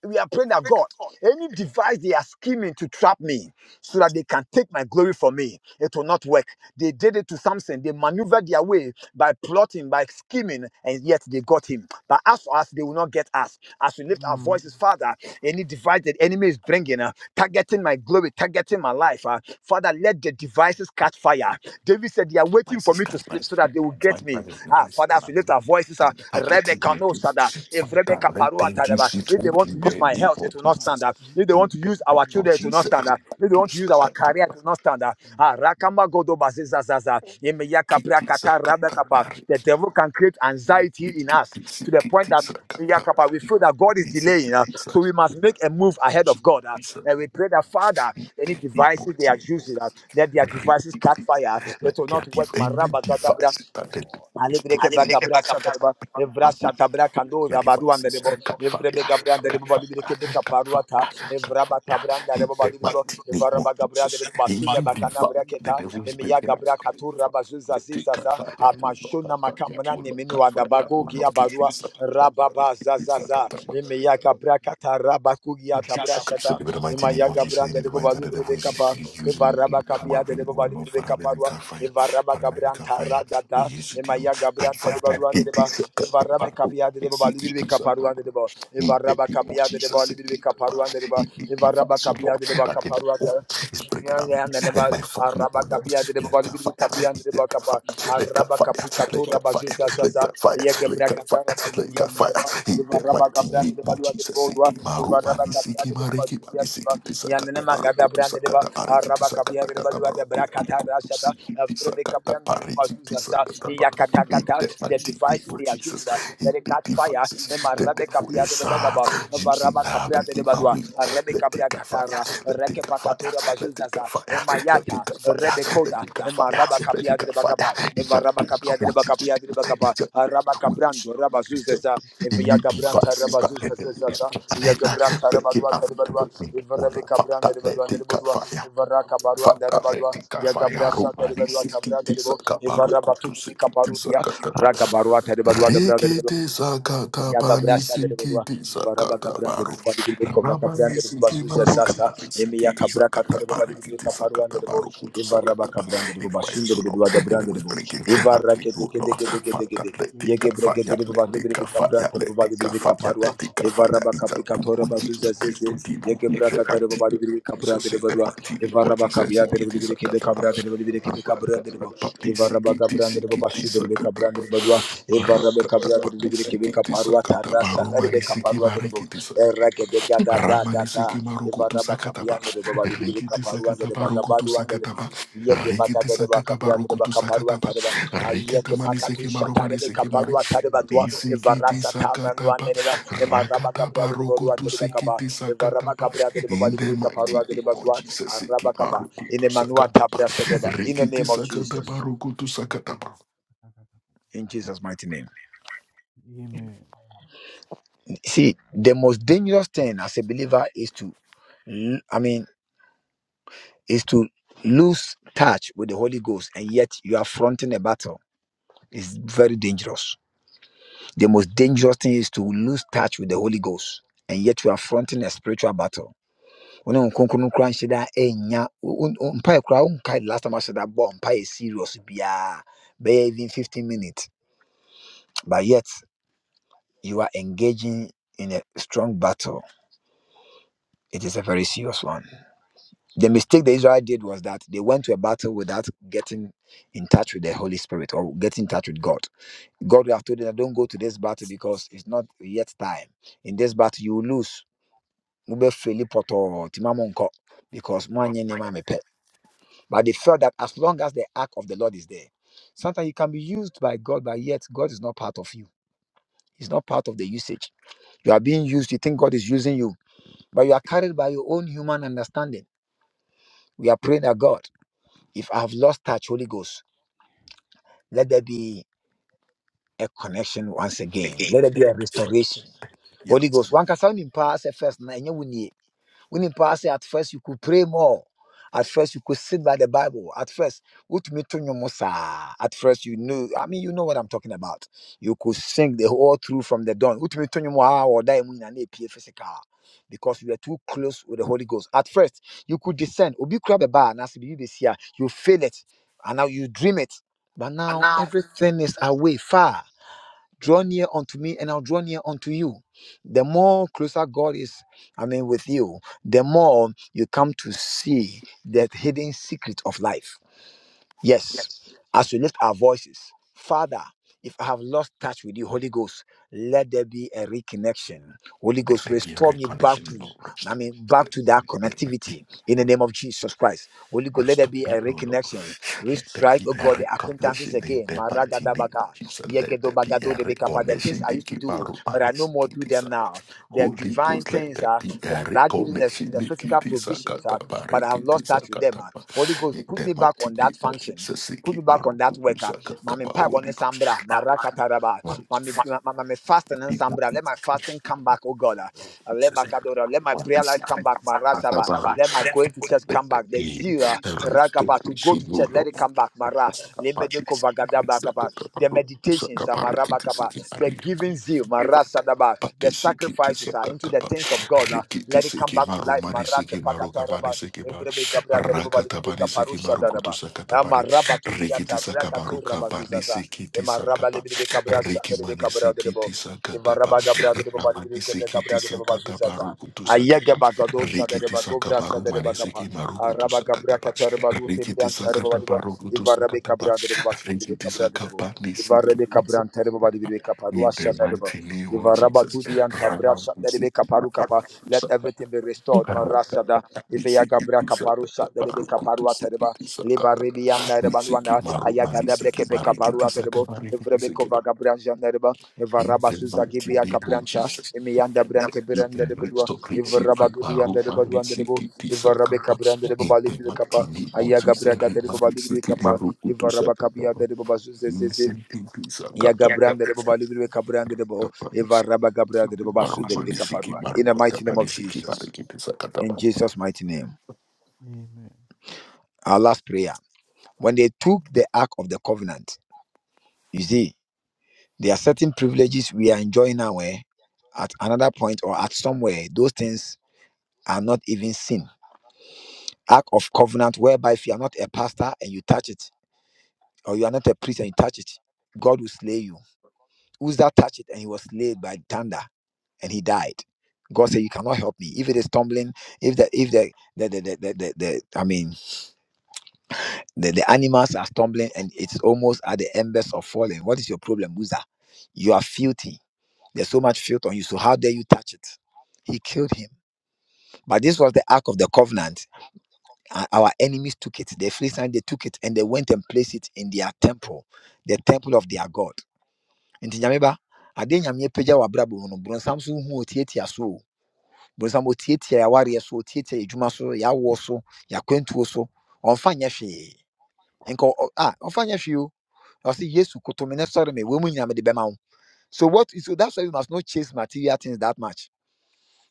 We are praying that when God, I'm any device they are scheming to trap me so that they can take my glory from me, it will not work. They did it to Samson. They maneuvered their way by plotting, by scheming, and yet they got him. But as for us, they will not get us. As we lift our Mm. voices, Father, any device that enemy is bringing, uh, targeting my glory, targeting my life, uh, Father, let the devices catch fire. David said, They are My waiting for me sister to sleep likes so to that they will my get me. brother Ah, always Father, as we lift planning our voices, ah, and targeting Rebecca me knows that with if Father, Rebecca let Parua them Tadaba, use it if they all want to in the use my name health, it of will not stand Jesus. up. If they want In to the use name our of children, it will not Jesus, stand up. If they want to Rukutus use our career, it Sakatapa, will not stand up. Ah, Rakamba Godo Baziza Zaza, Emeyaka Kitty Brakata Rebecca Pa. Sakatapa, The devil can create anxiety in Rikiti us to the point Sikiti that Sakatapa, Yakapa, we feel that God is delaying us, Rikiti so we must make a move ahead of God. ah. Sakatapa, and we pray that Father, any the name of devices they are using, ah, Jesus. let their Read devices catch fire. ah. It will Let there not be work. any device that the devil is Alibreke planning bagabra satareba, evra and we shatabra kando the zabaru devices anderebo, cut fire, evrebe gabra anderebo cut fire, balibreke beka cut fire, paruata, cut evra fire. batabra In anderebo the balibrebo, mighty name evara of bagabra Jesus, anderebo any basune device bakana that the braketa, devil is emiya breaking us. gabra katura bazuza Let it cut zizaza, fire, will not cut amashuna fire, makamra will ni not niminu cut fire, adabago will gia not keep barua, rababa zazaza, it. emiya gabra kata rabaku gia tabra Except shata, in the mighty name emiya of gabra Jesus, any anderebo device that the devil balibrebe is using to Evaraba come kabia up de in deba or bali not bili beka parwa. paralytical fire, Evaraba gabrian paralytical tara fire, we dada. use it to Emaya catch gabrian tere fire. balua de It deba. is a cut, cut, Evaraba cut, kabia de deba bali bili beka cut. parwa de deba. In the Evaraba name of kabia de deba Jesus, bali in bili the beka parwa de deba. in the Evaraba device, oh Lord, kabia de deba that the kaparwa ta. devil is bringing Ya up ya de and deba. my family, oh Araba Lord. kabia de deba Let bali God bili fire, beka kabia de deba kapa. let God Araba fire, kapi let God fire, bazuza let zaza. God fire, Ye let God fire, let gebra God fire, ganda let Bazudia God fire. Tereba, In the Ivaraba mighty Cabra name de of Balua de Jesus, Godua, Siki Maru Ivaraba Mani Capia Siki de Mariki Bazuzia Mani de Ba, Siki Tisakata Yanema Gabra Baruku Brand de Ba, Tisakata Bariki Araba Capia Tisakata de Kata Balua de Baruku Bracata Tuku Rasata, Siki Vrebe Capia Tisakata de Bariki Bazuza, Tisakata Baruku. In Yakatakata, the the mighty name device of they are using Jesus, that in they the catch fire, devices. and The Marabe devil Capia de is uh, Bagaba, using Varaba uh, Capia but de in my Balua, way. Arabe Let it Cabra catch fire. Catara, Let it catch Rekepa fire. Catura Let Bazuza it catch Rabaza, fire. Let Emayata, it catch fire. Rebekoda, Let it catch Emaraba fire. Let Capia it de catch fire. Bacapa, It's a Evaraba doom. Capia de What is Bacapia it? de Bacapa, It's a doom. Araba What is Cabrando, it? It's Rabazuza, a doom. Any Eviaga Branta, devices that Rabazuza, the devil is planning, uh, Yagabrata, break it Rabadua, up to Rebadua, break me. Oh, Evarabe Lord, Cabranda, Father, Rebadua, let it catch Rebadua, fire. Evaraca Father, Baruanda, let Rebadua, it catch fire. Yagabrasa, Romani, Rebadua, Tabra, Sikiti, Rebo, Sakabaruku, to Evarabatu, de Sikiti, Caparudia, Sakatata. Raga Barua, Rebadua, Rikete sakata Yagabra pani shada de Badua, sikiti Varaba sakata Gabranda de baru. Bobadi Bibekova Ramani Cabranda de siki Bazuza maru Sasa, kapani Emia sikiti Cabra sakata Catarabadi pari kiti Bibeka Paruanda sakata de Bo, baru kutu Evaraba sakata ba. Cabranda de Anyways, Bobashin de so Lord, Bidua Gabranda de anyways, Bo, bringing Eva at me, Rakete oh de Lord. Gede Gede Fata Gede, Yege letika Bregede fire, de Bobadi letika Bibeka fire, Branta de Bobadi letika Bibeka fire, Parua, letika fire. Evaraba In the name Capricatora of Bazuza Jesus Christ, to Zeze, him who Yege is Braga the de mighty Bobadi name of Bibeka Branda Jesus, de in the Badua, mighty name of Evaraba Jesus, Cabia de sikiti Bibeke sakata ba. Cabra de Bibeke Cabranda de Rakata Bo, pati Evaraba sikiti Gabranda de sikiti Bobashi de sakata baru. Bibeka parua evara be kabra Rakatapa de de de kebe disikiti kaparua tarra sakatapa sakare be romani siki de marikiti sakatapa gada da da ramani da siki marukutu evara ba sakatapa kabia de bo ba de de rikiti kaparua de sakatapa ba rukutu gabarua de ba sakatapa ye ke ba rikiti gada de ba sakatapa kabra de ba rukutu kaparua sakatapa tare ba aye rikita ke mani pakatu siki Submit shatare marumani be siki everything, mari kaparua tare ba submit tua everything, every evara nisikiti evil, satamanua sakatapa ne ba every evil emara be ba done, kabra rakatapa submit them rukutu now, submit sikiti them, sakatapa Jesus, in the Father, I promise mighty them name now, of in the Jesus name of siki Jesus, I marukutu in promise them Emmanuel now, in sakatapa the tabra name of shadeba in Jesus, the rikiti name I of promise them, sakatapa Jesus Lord, rukutu I promise them, sakatapa Lord, in Jesus mighty name Amen. See, the most dangerous thing as a believer is to, l- I mean, is to lose touch with the Holy Ghost. The mistake the Israel did was that they went to a battle without getting in touch with the Holy Spirit or getting in touch with God. God will have told them, don't go to this battle because it's not yet time. In this battle, you will lose. Mobɛfeli pɔtɔɔ, nti mma monkɔ, Because moanyɛ nneɛma a mepɛ. but they felt that as long as the ark of the Lord is there, sometimes you can be used by God, but yet God is not part of you. He's not part of the usage. You are being used. You think God is using you, but you are carried by your own human understanding. We are praying that God, if I have lost touch, Holy Ghost, let there be a connection once again. Let there be a restoration. Yes, Holy Ghost, one can sound in past first. When in past, at first you could pray more. At first you could sit by the Bible. At first, what me to your Musa. At first you knew. I mean, you know what I'm talking about. You could sing the whole through from the dawn. What me to your Musa or die in an APA physical. Because we are too close with the Holy Ghost. At first, you could descend. Obi grab a bar and as you be here, you feel it. And now you dream it. But And now now, everything is away far. Draw near unto me, and I'll draw near unto you. The more closer God is, I mean, with you, the more you come to see that hidden secret of life Yes, yes. as we lift our voices, Father, if I have lost touch with you, Holy Ghost, let there be a reconnection. Holy Let Ghost, there be a restore me back to, reconnection, Lord. I Restore. mean, Restore. back to that Let connectivity in the name of Jesus Christ. Holy Ghost, let there Rest of be a me, O Lord. reconnection. Let there Restrike, be oh a God, the acquaintances recognition in again. the mighty name of Maragadabaka, Jesus. Let there be yegedobagado a debekapa, The things recognition. I used Thank to you, do, Baru but I no more Manisiki do them Tisaba. now. The Holy divine Ghost, let things there are be a that giving us recognition. the Niki physical provisions. Tisakata uh, but I've Bariki lost touch with them. Tisakata. ah. Holy Ghost, In put the me back mighty on that name of function. Jesus, Put me Siki back on Baru that worker. Kutisakata Mami pipe on Holy Ghost. sambra, maraka taraba. Mami mami Let fasting there and sambra. Let my fasting come be back, oh God. ah. Ah, Let my Riki kadora. Let my prayer life come back, marasaba. Let my going to church come back. The zeal, ah, rakapa to go to church. Let it come back, mara. Lemede kovagada bakapa. The meditations, ah, marabakapa. The giving zeal, marasadaba. The sacrifices are into the things of God. ah. Let it come back to life, marakepa Evrebeka brada ribo badi parusha daraba. Ama raba tu diata braka tu raba zuzaza. Ema raba libi beka brasha mani sikiti sakata gabra gade ribo badi Ramani beka sikiti sakata bazuzaza. baruku Ayega sakata. bagado Rikiti gobra sa sakabaru daraba manisiki maruku tu Araba gabra katarba lute Rikiti brian tarba sakata badi bo. baruku tu Eva rabe bashi Rikiti beka brada ribo. sakapa Eva nisiki rabe kabra sakata In parusha the daraba. mighty name of Eva raba Jesus. tu dianta Ramani brasha gade sikiti baruku tu Let sakata. everything be restored. Marasada. Rakatata, Iveya nisiki Gabra Kaparu tisakata, Shatarebe baruku Kaparu tisiki Atereba, Liba tisakata, Rebian nisiki Nerebanwana, maruma, Ayagadabre nisiki Kepe Kaparu marikiti Aterebo, Evrebe sakamarikiti Kova Jandereba, in Evaraba the Suza mighty Gibia name of Capranta, Jesus. Emianda In Branke Beranda the de Bedua, restoration, in Evaraba Dudianda de Maruha, Baduan de Debo, Nisiki, Tisa, Evarabe Kappa. Cabranda de In Boba Libi the mighty Capa, name of Jesus. Ayagabra Gadere Rima, Boba Libi Nisiki, Capa, Maru, Kutusa, Evaraba Capia Kappa. de Boba Suzeze, Nisiki, Tisa, Kappa. Yagabranda de Boba Libi Cabranda de Bo, Kappa, Nisiki, Evaraba Gabra de Nisiki, Boba Maru, Sude de Caparua. Nisiki, In Maru, the mighty Kappa, name of Nisiki, Maru, Jesus. Kutusa, In Kappa. Jesus' mighty name our last prayer, when they took the Ark of the Covenant, you see, there are certain privileges we are enjoying now. Eh? At another point or at somewhere, those things are not even seen. Ark of Covenant, whereby if you are not a pastor and you touch it, or you are not a priest and you touch it, God will slay you. Uzzah touched it and he was slain by thunder and he died. God said, "You cannot help me. If it is tumbling, if the if the the the the, the, the- I mean The, the animals are stumbling and it's almost at the embers of falling. What is your problem, Uzzah? You are filthy. There's so much filth on you. So how dare you touch it? He killed him. But this was the Ark of the Covenant. Uh, Our enemies took it. The Philistines, they took it and they went and placed it in their temple, the temple of their God. Nti nyame ba, ade nyame apagya w'abrabɔ mu no, borɔnsam so hu otiatia so o. Borɔnsam otiatia yɛawareɛ so, otiatia yɛadwuma so, yɛawoɔ so, yɛakwantuo so. Ɔmfa nyɛ hwee. Nka ɔ- ah, ɔmfa nyɛ hwee o. I say yes me ne sɔre me wei mu nyinaa mede bɛma wo so what is so that's why we must not chase material things that much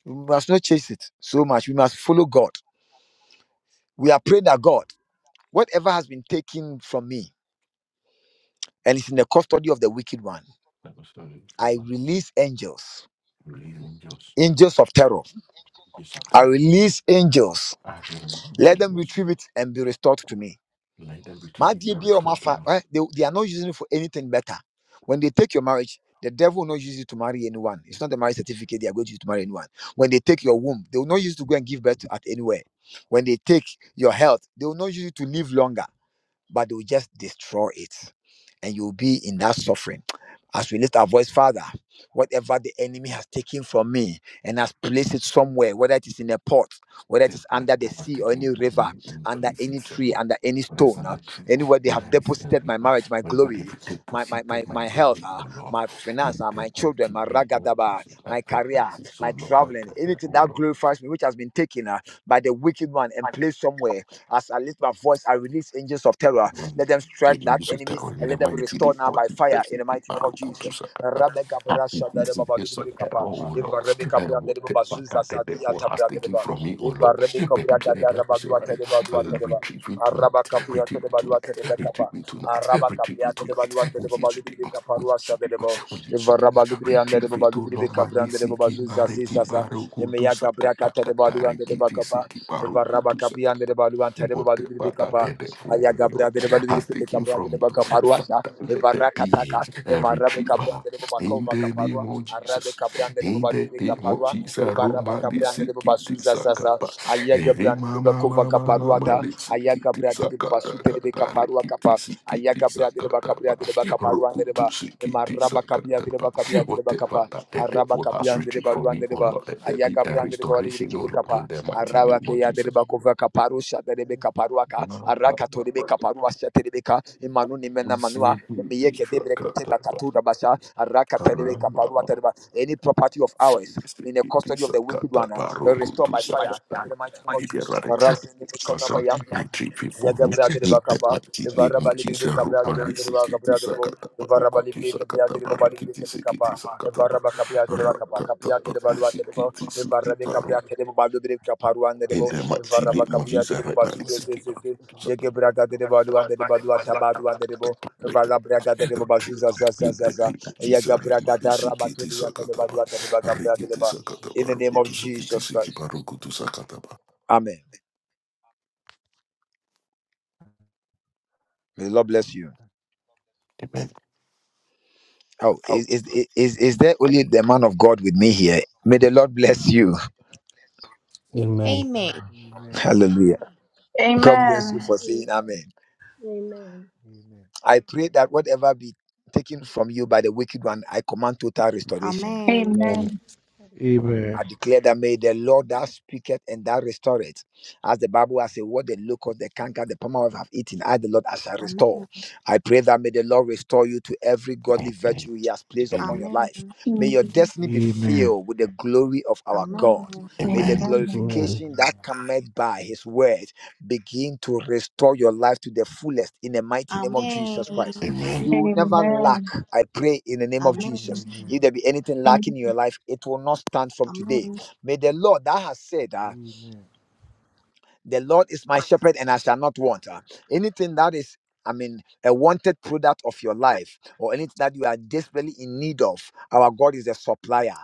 we must not chase it so much we must follow god we are praying that god whatever has been taken from me and is in the custody of the wicked one That was so i human. release angels Really, Jesus. angels of terror Jesus, i Kappa. release angels I really, let need them Jesus. retrieve it and be restored to me Let every My TV dear be be or my restored to fa- me. eh, they, they are not using it for anything better. When they take your marriage, the devil will not use it to marry anyone. It's not the marriage certificate they are going to use to marry anyone. When they take your womb, they will not use it to go and give birth to at anywhere. When they take your health, they will not use it to live longer but they will just destroy it. And you'll be in that suffering. As we lift our voice, Father, whatever the enemy has taken from me and has placed it somewhere, whether it is in a pot, whether it the is part under the that was sea or any taken from river, me and under place it any tree, somewhere. under any Whether it's stone, on uh, the tree, anywhere they whether have it's in the deposited my river, marriage, my wherever they glory, my my my, deposited my my health, glory, uh, O Lord, my finance, in uh, my the children, mighty my name of ragadaba, Jesus, I my pray that career, so my Lord, my traveling, career, anything O that Lord. glorifies me, which has been taken uh, by the wicked one and placed somewhere as I lift my voice, I release angels of terror. Let them The strike that English enemy terror in and the let them be mighty restored name now of by fire Jesus. in the mighty name of Jesus. Barukutusakataba. Rabbe Gabra Happy Shadare is Baba this Lubini terror, Kapa. O Eva Lord. Rebbe And Kabra Dere Baba whatever Zuza that the Zadi devil has Atabra Dere taken Ba. from me, O Eva Lord. Rebbe Baby, Kabra Pierre, they Gadara are also Badua ready. Tere I'll Badua Tere Ba. retrieve it Araba tonight. Kapia Tere Retrieve it Balua Tere Be tonight. Retrieve Kapa. it tonight. Araba Retrieve Kapia it Tere Balua tonight. Tere Oh, yes, Baba today. Lubini Oh, Kapa yes, Rua today. Shadere Ba. Oh, yes, Eva today. Rabba Lubini Andere Retrieve Baba it to Lubini Lord. Kabra Mani Dere Baba siki Zuza mariki Ziza Za. Emeya Gabra Katere barukutusakatakata. Balua Dere Ba Rikiti Kapa. siki Evaraba Kabian de barukutusakata. Baluan Tereba de Whatever that Bicapa, the devil, O Lord Ayagabra de Balu has de taken Cabra de from him. Bacaparuasa, Father, let there be Evarakataka, a Evarabe Cabran retriever de in Bacova the name Caparua, of Arabe Jesus. Cabran de In Balu the de name of Caparua, Jesus, Evaraba Romani Cabran de Sikiti Bazuza Zaza, Sakapa. Eri Ayagabran de mama Bacova mama mama Caparuata, Sikiti Ayagabra de Sakata Basute de Kata Caparua Rikiti Capa, Sikiti Ayagabra de Bacabria Sakatapa. de Bacaparua de Rokutu Deba, Sikiti Emaraba Capia de Sakatapa. Bacapia de Whatever Bacapa, that the Araba devil has Capian de retrieved from Baluan me, de oh Ba Lord, let there be a ayagabrandere restoration, barebireke oh Lord, in bekapa the mighty name arabake of yadere Jesus. bakova kaparusha derebe kaparuaka arakato rebe kaparua shaterebeka imanu nimena manua Sikiti emiyeke debreke sakata katura basha arakata rebe barama kaparua mama. any property of ours in the sikiti custody of the wicked sakata one uh, baru restore kutu by fire sakata in the mighty name of Jesus iberare Maraz, in the sasa Konamaya, entry before me Yagabra de in the Bacapa, mighty the name Varaba of Libri Jesus Cabra de rupa Riva sikiti Gabra de Bo, sakata the baru Varaba kutu Libri Cabia de sakata baru Boba Libri Capicapa, sikiti the sakata baru Varaba Capia de Bacapa, Rakata Capia de baru Baluate de Bo, the Varabe sikiti Cabria de Bobalu de Caparuan de In Bo, the the mighty Varaba name of Capia de Jesus, right now, let's keep on. Bobazuza, doing something. Yagabraga de Baluan de Baluata Baduan de Bo, the Let Valabraga de the retreat. Bobazuza In the Zazazaza, name of Jesus, right now, Yagabraga da let's keep it Rabatulia de sakataba. Baluata de Bagabra de Rikiti Ba. In sakataba, the name of rukutu sakiti Jesus Christ. sikiba, rukutu sakataba. Amen. May the Lord bless you. Amen. Oh, is Ouch. is is is is there only the man of God with me here? May the Lord bless you. Amen. Amen. Amen. [laughs] Amen. Hallelujah. Amen. God bless Amen. you for Amen. saying Amen. amen. Amen. Amen. I pray that whatever be taken from you by the wicked one, I command total restoration. Amen. Amen. Amen. Amen. Yes, I Amen. declare that may the Lord that speaketh and that restoreth. As the Bible has said, what the locust, the canker, the palmer have eaten, I, the Lord, I shall Amen. restore. I pray that may the Lord restore you to every godly Amen. virtue he has placed upon Amen. your life. Amen. May your Amen. destiny be Amen. filled with the glory of our God. Amen. May the Amen. Amen. Amen. glorification that Amen. cometh by his word begin to restore your life to the fullest in the Amen. mighty name of Jesus Amen. Christ. You Amen. will Amen. never lack, Amen. I pray, in the name of Amen. Amen. Jesus Amen. if there be anything lacking in your life, it will not stand from today. May the Lord that has said, ah, Amen. the Lord is my shepherd, and I shall not want. Uh, anything that is I mean, a wanted product of your life or anything that you are desperately in need of. Our God is a supplier.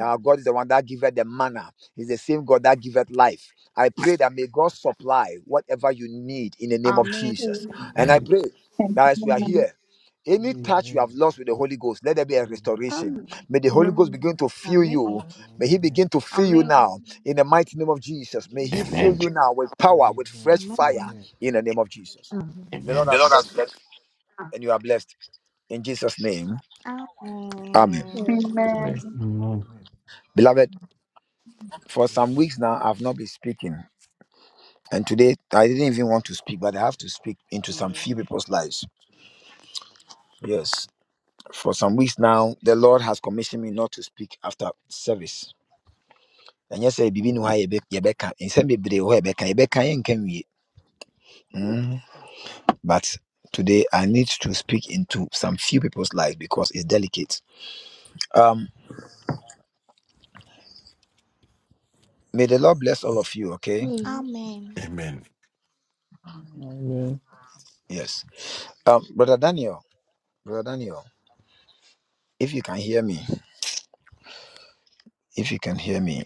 Our God is the one that giveth the manna. He's the same God that giveth life. I pray that may God supply whatever you need in the name of Amen. Amen. Jesus. And Amen. I Amen. pray that as we are Amen. here, any touch you have Amen. lost with the Holy Ghost, let there be a Amen. restoration. Amen. May the Holy Ghost begin Mm. to fill you. Amen. Amen. May He Amen. begin to fill you Amen. now in the mighty name of Jesus. May He fill Amen. you now with power, with Amen. fresh Amen. fire in the name of Amen. Jesus. Amen. The Lord Amen. The has Lord has Amen. blessed you, blessed. and you are blessed in Jesus' name. Amen. Amen. Amen. Amen. Amen. Beloved, for some weeks now, I've not been speaking. And today, I didn't even want to speak, but I have to speak into some few people's lives. Yes. For some weeks now, the Lord has commissioned me not to speak after service. And yes, I begin why Rebecca, and send me But today I need to speak into some few people's lives because it's delicate. Um, may the Lord bless all of you, okay? Amen. Amen. Amen. Mm. Amen. Yes. Um, Brother Daniel, Brother Daniel, if you can hear me, if you can hear me,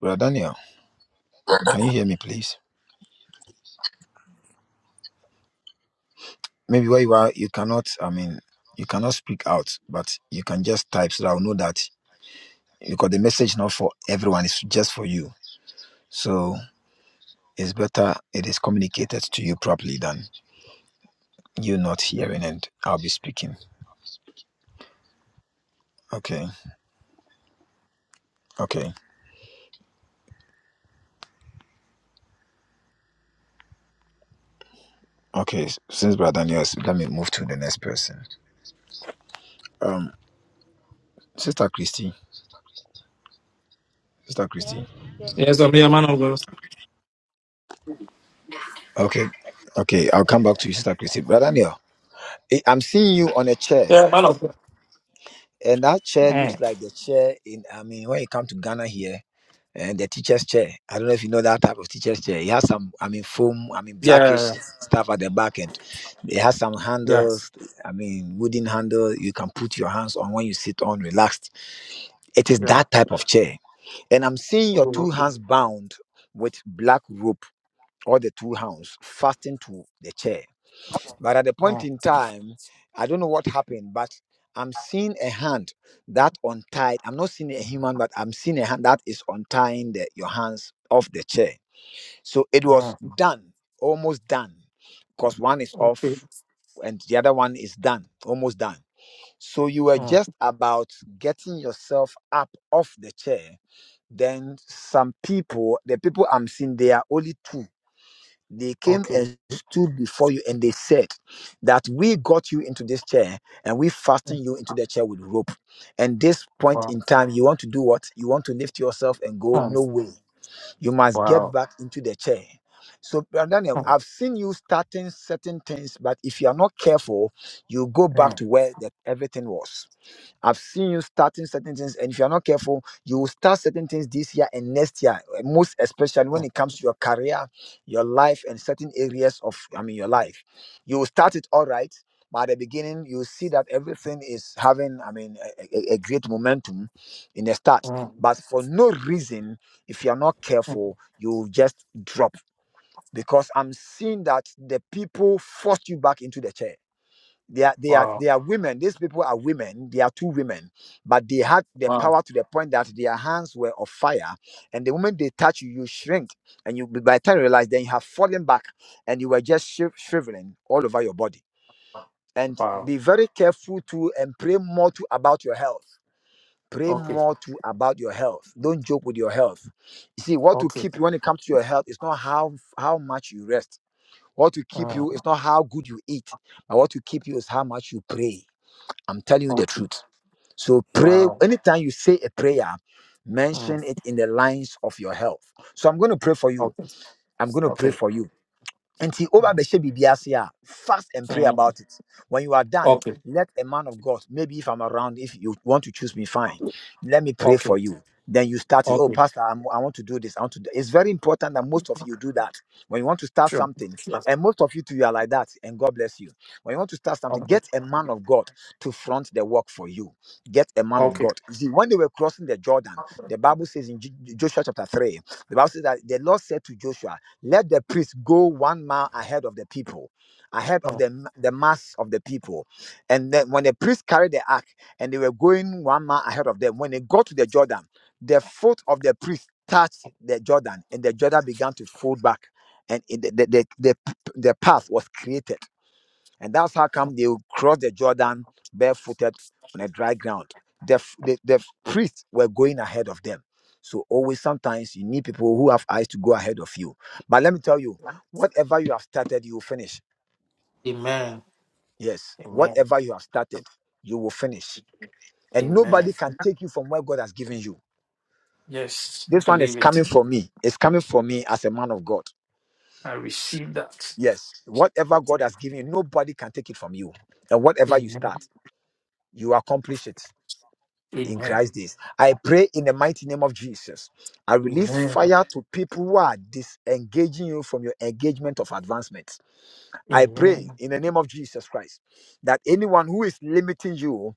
Brother Daniel, can you hear me, please? Maybe where you are, you cannot, I mean, you cannot speak out, but you can just type so that I'll know that because the message not for everyone, it's just for you. So it's better it is communicated to you properly than you not hearing and I'll be speaking. Okay. Okay. Okay, s- since Brother Daniel, is- let me move to the next person. Um, Sister Christy, Sister Christy. yes, Yes, I'm a man of God. Okay, okay, I'll come back to you, Sister Christy. Brother Daniel, I- I'm seeing you on a chair, Yeah, man of God. and that chair looks Mm. like the chair in. I mean, when you come to Ghana here, and the teacher's chair. I don't know if you know that type of teacher's chair. It has some, I mean, foam, I mean, blackish Yeah, stuff at the back end. It has some yeah, handles. I mean, wooden handle you can put your hands on when you sit on relaxed. It is yeah. that type of chair And I'm seeing your two Oh, okay. hands bound with black rope or the two hands fastened to the chair. But at the point Mm, in time, I don't know what happened, but I'm seeing a hand that untied. I'm not seeing a human, but I'm seeing a hand that is untying the, your hands off the chair. So it was mm, done, almost done, because one is okay. off and the other one is done, almost done. So you were Mm, just about getting yourself up off the chair then some people, the people I'm seeing, they are only two. They came okay. and stood before you and they said that we got you into this chair and we fastened you into the chair with rope. And this point Wow. in time, you want to do what? You want to lift yourself and go? Mm, No way. You must get Wow. back into the chair. So, Brother Daniel, I've seen you starting certain things, but if you are not careful, you go back Mm, mm, to where that everything was. I've seen you starting certain things, and if you're not careful, you will start certain things this year and next year, uh, most especially when it comes to your career, your life, and certain areas of, I mean, your life. You will start it all right, but at the beginning, you will see that everything is having, I mean, a, a a great momentum in the start. mm, But for no reason, if you're not mm. careful, you will just drop because I'm seeing that the people force you back into the chair they are they are Wow. they are women these people are women they are two women but they had the Wow. power to the point that their hands were of fire and the moment they touch you you shrink and you by the time you realize then you have fallen back and you were just shiv- shriveling all over your body and Wow. be very careful too and pray more too about your health pray Okay. more too about your health don't joke with your health you see what will Okay. keep you when it comes to your health is not how how much you rest what will keep you Mm, is not how good you eat but what will keep you is how much you pray I'm telling you the Okay. truth. So pray Wow. anytime you say a prayer, Mm, mention it in the lines of your health. So I'm going to pray for you. Okay. I'm going to pray Okay. for you nti Mm, wobabɛhyɛ biribi ase a fast and pray mm. about it when you are done Okay. let a man of god maybe if i'm around if you want to choose me fine let me pray Okay. for you then you start it oh Okay. pastor I'm, i want to do this i want to do. it's very important that most of you do that when you want to start Sure. something Sure. and most of you too you are like that and god bless you when you want to start something get a Okay. man of god to front the work for you get a man of Okay. god you see when they were crossing the jordan the bible says in Jo- joshua chapter 3 the bible says that the lord said to joshua let the priest go one mile ahead of the people, ahead of Mm. the, the mass of the people. And then when the priest carried the ark and they were going one mile ahead of them, when they got to the Jordan, the foot of the priest touched the Jordan and the Jordan began to fold back. And it- the, the, the, the path was created. And that's how come they will cross the Jordan barefooted on a dry ground. The, the, the priests were going ahead of them. So always sometimes you need people who have eyes to go ahead of you. But let me tell you, whatever you have started, you will finish. Amen. Yes. Amen. Whatever you have started, you will finish. And Amen. nobody can take you from where God has given you. Yes, This one is believe it. coming from me. It's coming from me as a man of God. I receive that. Yes. Whatever God has given you, nobody can take it from you. And whatever you Amen. start, you accomplish it. in Amen. Christ days. I pray in the mighty name of Jesus. I release Amen. fire to people who are disengaging you from your engagement of advancement. I Amen. pray in the name of Jesus Christ that anyone who is limiting you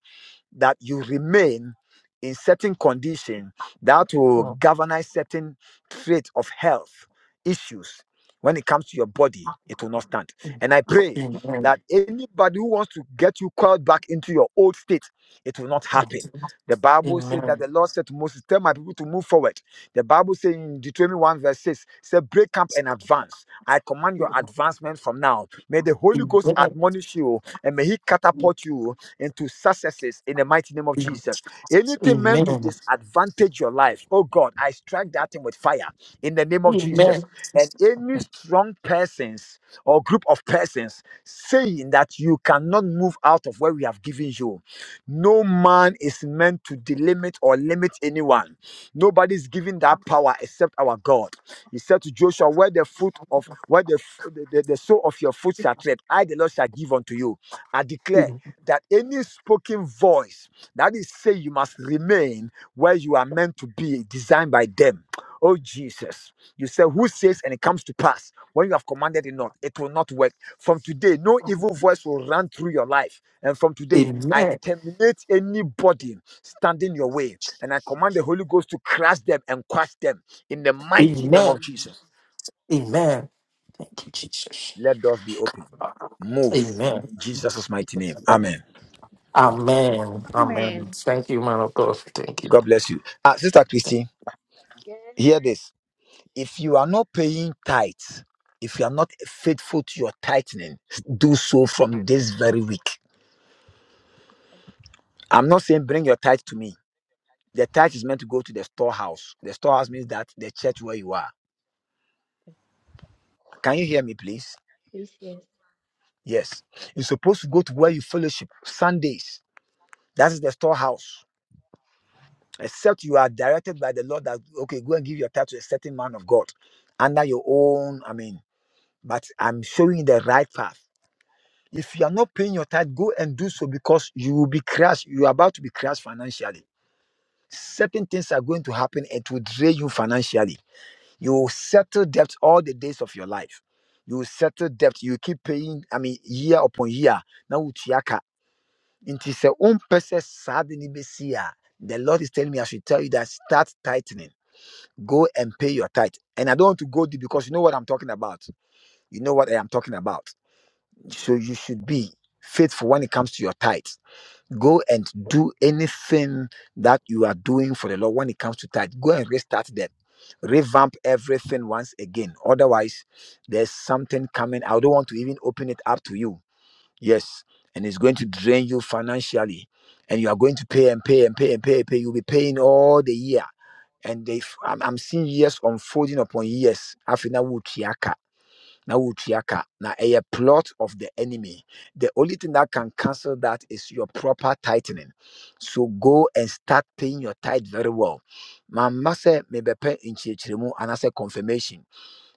that you remain in certain condition that will Mm. Amen. galvanize certain traits of health issues when it comes to your body it will not stand Mm. and i pray Amen. that anybody who wants to get you called back into your old state it will not Amen. happen the bible says that Amen. the lord said to moses tell my people to move forward the bible says in deuteronomy 1 verse 6 say break camp and advance i command your advancement from now may the holy ghost Amen. admonish you and may he catapult you into successes in the mighty name of Jesus. Anything meant to Amen. disadvantage your life, oh God, I strike that thing with fire in the name of Jesus. And any strong persons or group of persons saying that you cannot move out of where we have given you, no man is meant to delimit or limit anyone. Nobody is given that power except our God. He said to Joshua, Where the foot of where the, f- the, the the sole of your foot shall tread, I the Lord shall give unto you. I declare that any spoken voice that is say you must remain where you are meant to be designed by them oh jesus you say who says and it comes to pass when you have commanded it not it will not work from today no evil voice will run through your life and from today i terminate anybody standing your way and i command the holy ghost to crush them and crush them in the mighty name Amen. of jesus Amen. Thank you, Jesus. let doors be open move Amen. in jesus' mighty name amen Amen. Amen. Amen. Thank you, man of God. Thank you. god bless you ah sister christine yes. Hear this. If you are not paying tithes, if you are not faithful to your tithing, do so from this very week. Okay, I'm not saying bring your tithe to me. The tithe is meant to go to the storehouse. The storehouse means that the church where you are. okay. Can you hear me, please? Please, yes. Yes. You're supposed to go to where you fellowship Sundays. That is the storehouse. Except you are directed by the Lord that, okay, go and give your tithe to a certain man of God under your own, I mean, but I'm showing you the right path. If you are not paying your tithe, go and do so because you will be crushed. You are about to be crushed financially. Certain things are going to happen. It will drain you financially. You will settle debt all the days of your life. You will settle debt. You will keep paying, I mean, year upon year. Now, Uchiaka. Until say, own person sad in The Lord is telling me, I should tell you that start tightening. Go and pay your tithe. And I don't want to go deep because you know what I'm talking about. You know what I am talking about. Yeah. So you should be faithful when it comes to your tithe. Go and do anything that you are doing for the Lord when it comes to tithe. Go and restart that, Revamp everything once again. Otherwise, there's something coming. I don't want to even open it up to you. Yes. And it's going to drain you financially. And you are going to pay and pay and pay and pay and pay. You'll be paying all the year. And they, I'm, I'm seeing years unfolding upon years. Afina na wotuaka na a plot of the enemy the only thing that can cancel that is your proper tightening so go and start paying your tithe very well mama said maybe pay in chichirimu and I anaasɛ confirmation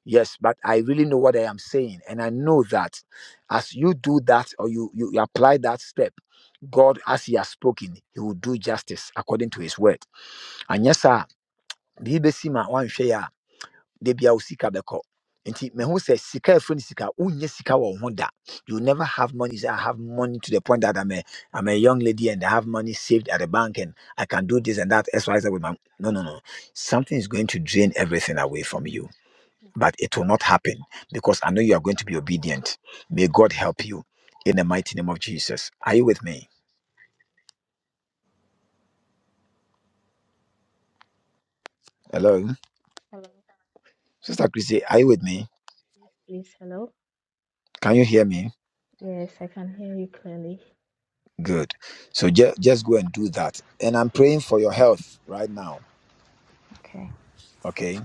yes but i really know what i am saying and i know that as you do that or you you, you apply that step god as he has spoken he will do justice according to his word and yes sir da bia wo sika bɛkɔ nti Oh, mehu sɛ sika ɛfiri no sika wonyɛ sika wɔ wo ho da you will never have money You say i have money to the point that i'm a i'm a young lady and i have money saved at the bank and i can do this and that xyz with my no no no something is going to drain everything away from you but okay. it will not happen because i know you are going to be obedient may god help you in the Amen. mighty name of jesus are you with me hello Hello. sister chrissy are you with me Yes, please. Hello. can you hear me Yes, I can hear you clearly. Good. So ju- just go and do that. And I'm praying for your health right now. Okay, Okay.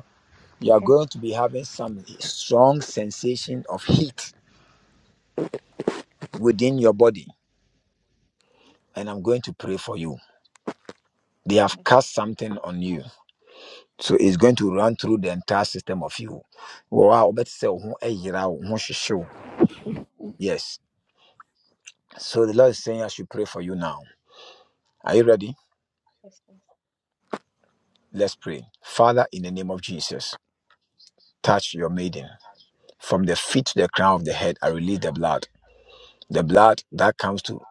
You are okay. going to be having some strong sensation of heat within your body. And I'm going to pray for you. They have Yes, cast something on you. So it's going to run through the entire system of you. Wow, but say, "Oho, eh, yira, oho, shishio." Yes. So the Lord is saying I should pray for you now. Are you ready? yes. yes. Let's pray. Father, in the name of Jesus, touch your maiden. From the feet to the crown of the head, I release the blood The blood that comes to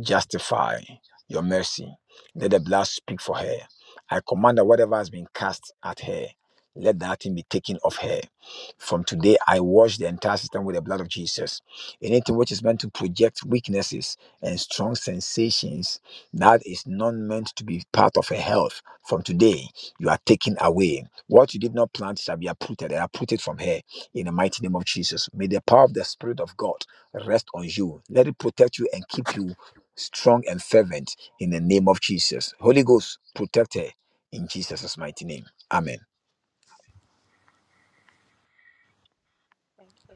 justify your mercy. Let the blood speak for her. I command that whatever has been cast at her, let that thing be taken off her. From today, I wash the entire system with the blood of Jesus. Anything which is meant to project weaknesses and strong sensations that is not meant to be part of her health, from today, you are taken away. What you did not plant shall be uprooted and uprooted from her in the mighty name of Jesus. May the power of the Spirit of God rest on you. Let it protect you and keep you strong and fervent in the name of Jesus. Holy Ghost, protect her in Jesus' mighty name. Amen. Thank you.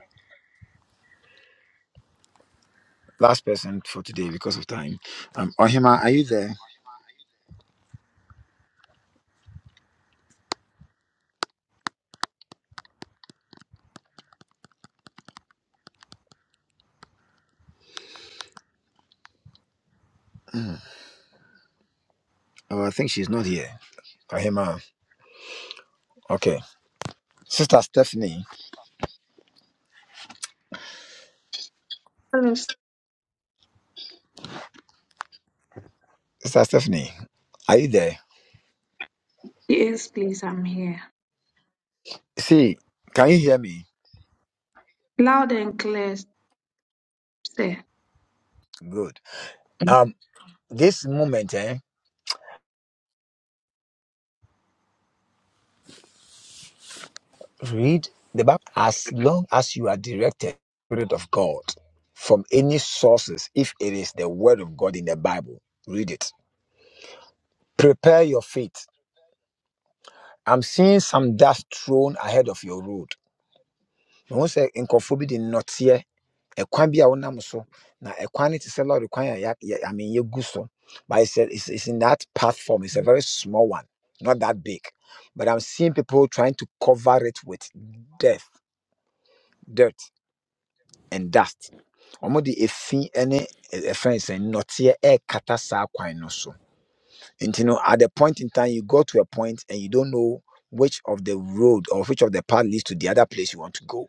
Last person for today because of time. Um, Ohima, are you there? Oh, I think she's not here. Ohima, okay. Sister Stephanie, Please- Sister Stephanie, are you there? Yes, please, I'm here. See, can you hear me? Loud and clear, sir. Good. Um, this moment, eh? read the Bible. As long as you are directed, by the Spirit of God, from any sources, if it is the Word of God in the Bible, read it. Prepare your faith. I'm seeing some dust thrown ahead of your road. Me hu sɛ nkurɔfoɔ bi de nnɔteɛ, ɛkwan bi a wonam so, na ɛkwan no te sɛ lɔre kwan a yɛ, yɛ, I mean, yɛgu so. But it's, a, it's, it's in that platform. It's a very small one, not that big. But I'm seeing people trying to cover it with death, dirt. and dust wɔde efi ne eh, ɛfrɛ no sɛ nnɔteɛ ɛrekata saa kwan no so And you know, at the point in time you go to a point and you don't know which of the road or which of the path leads to the other place you want to go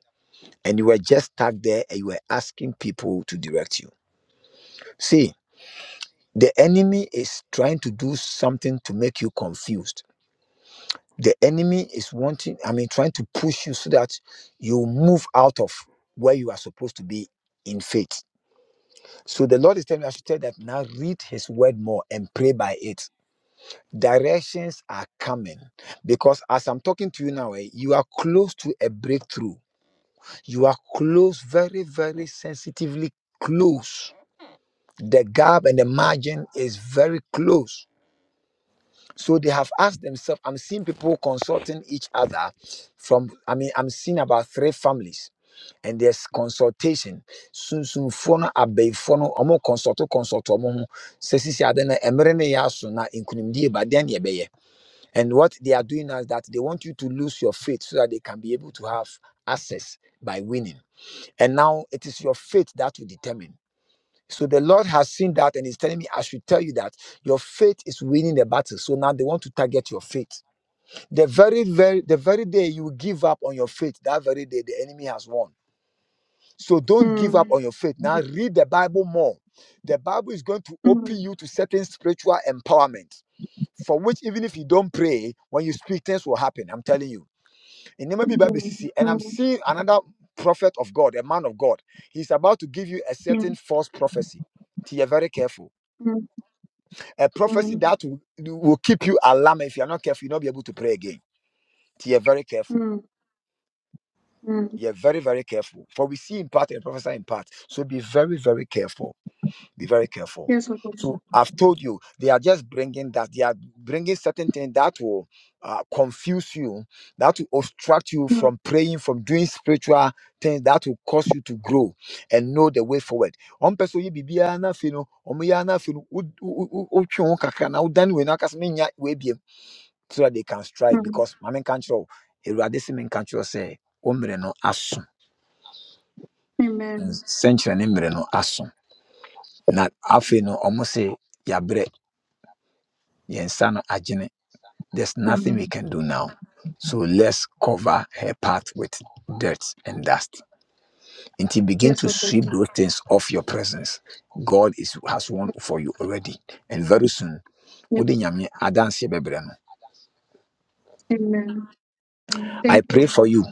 and you were just stuck there and you were asking people to direct you see the enemy is trying to do something to make you confused the enemy is wanting i mean trying to push you so that you move out of where you are supposed to be in faith So the Lord is telling me I should tell that now read his word more and pray by it. Directions are coming because as I'm talking to you now, eh, you are close to a breakthrough. You are close, very, very sensitively close. The gap and the margin is very close. So they have asked themselves, I'm seeing people consulting each other from, I mean, I'm seeing about three families. And there's consultation. Sunsunfoɔ no abɛɛfoɔ no ɔmo consult consult ɔmo ho sɛ sisi ade no mmerɛ no yɛ aso na nkonimdie ba deɛ ne yɛbɛyɛ and what they are doing now is that they want you to lose your faith so that they can be able to have access by winning and now it is your faith that will determine so the Lord has seen that and is telling me, I should tell you that your faith is winning the battle. So now they want to target your faith. The very, very, the very day you give up on your faith, that very day the enemy has won. So don't give up on Mm. your faith. Now Mm. read the Bible more. The Bible is going to open Mm. you to certain spiritual empowerment. For which, even if you don't pray, when you speak, things will happen. I'm telling you. In Nehemiah Bible Mm. CC, and I'm seeing another prophet of God, a man of God. He's about to give you a certain Mm. false prophecy. So you're very careful Mm. a prophecy Mm. that will, will keep you alarmed. If you're not careful, you'll not be able to pray again. So you're very careful. Mm. Mm. You're very, very careful. For we see in part and prophesy in part. So be very, very careful. Be very careful. Yes, So Lord. I've told you, they are just bringing that. They are bringing certain things that will uh, confuse you, that will obstruct you Mm. from praying, from doing spiritual things that will cause you to grow and know the way forward. One person you be be na fino, omo ya na fino, wo wo wo- wo- wotwe kakra na wo dane wei na wo so that they can strike Mm. because maame kankyerɛw awurade se Say, nkankyerɛw sɛ wo mmerɛ no aso Amen. nsɛnkyerɛ ne mmerɛ no aso na afei Mm. no say, se yɛabrɛ yɛn nsa no agyene there's nothing we Mm. can do now so let's cover her path with dirt and dust until begin Yes, to Lord. sweep those things off your presence god is has won for you already and very soon wode nyame adanseɛ bɛbrɛ no Amen. i Thank pray you, for you Father.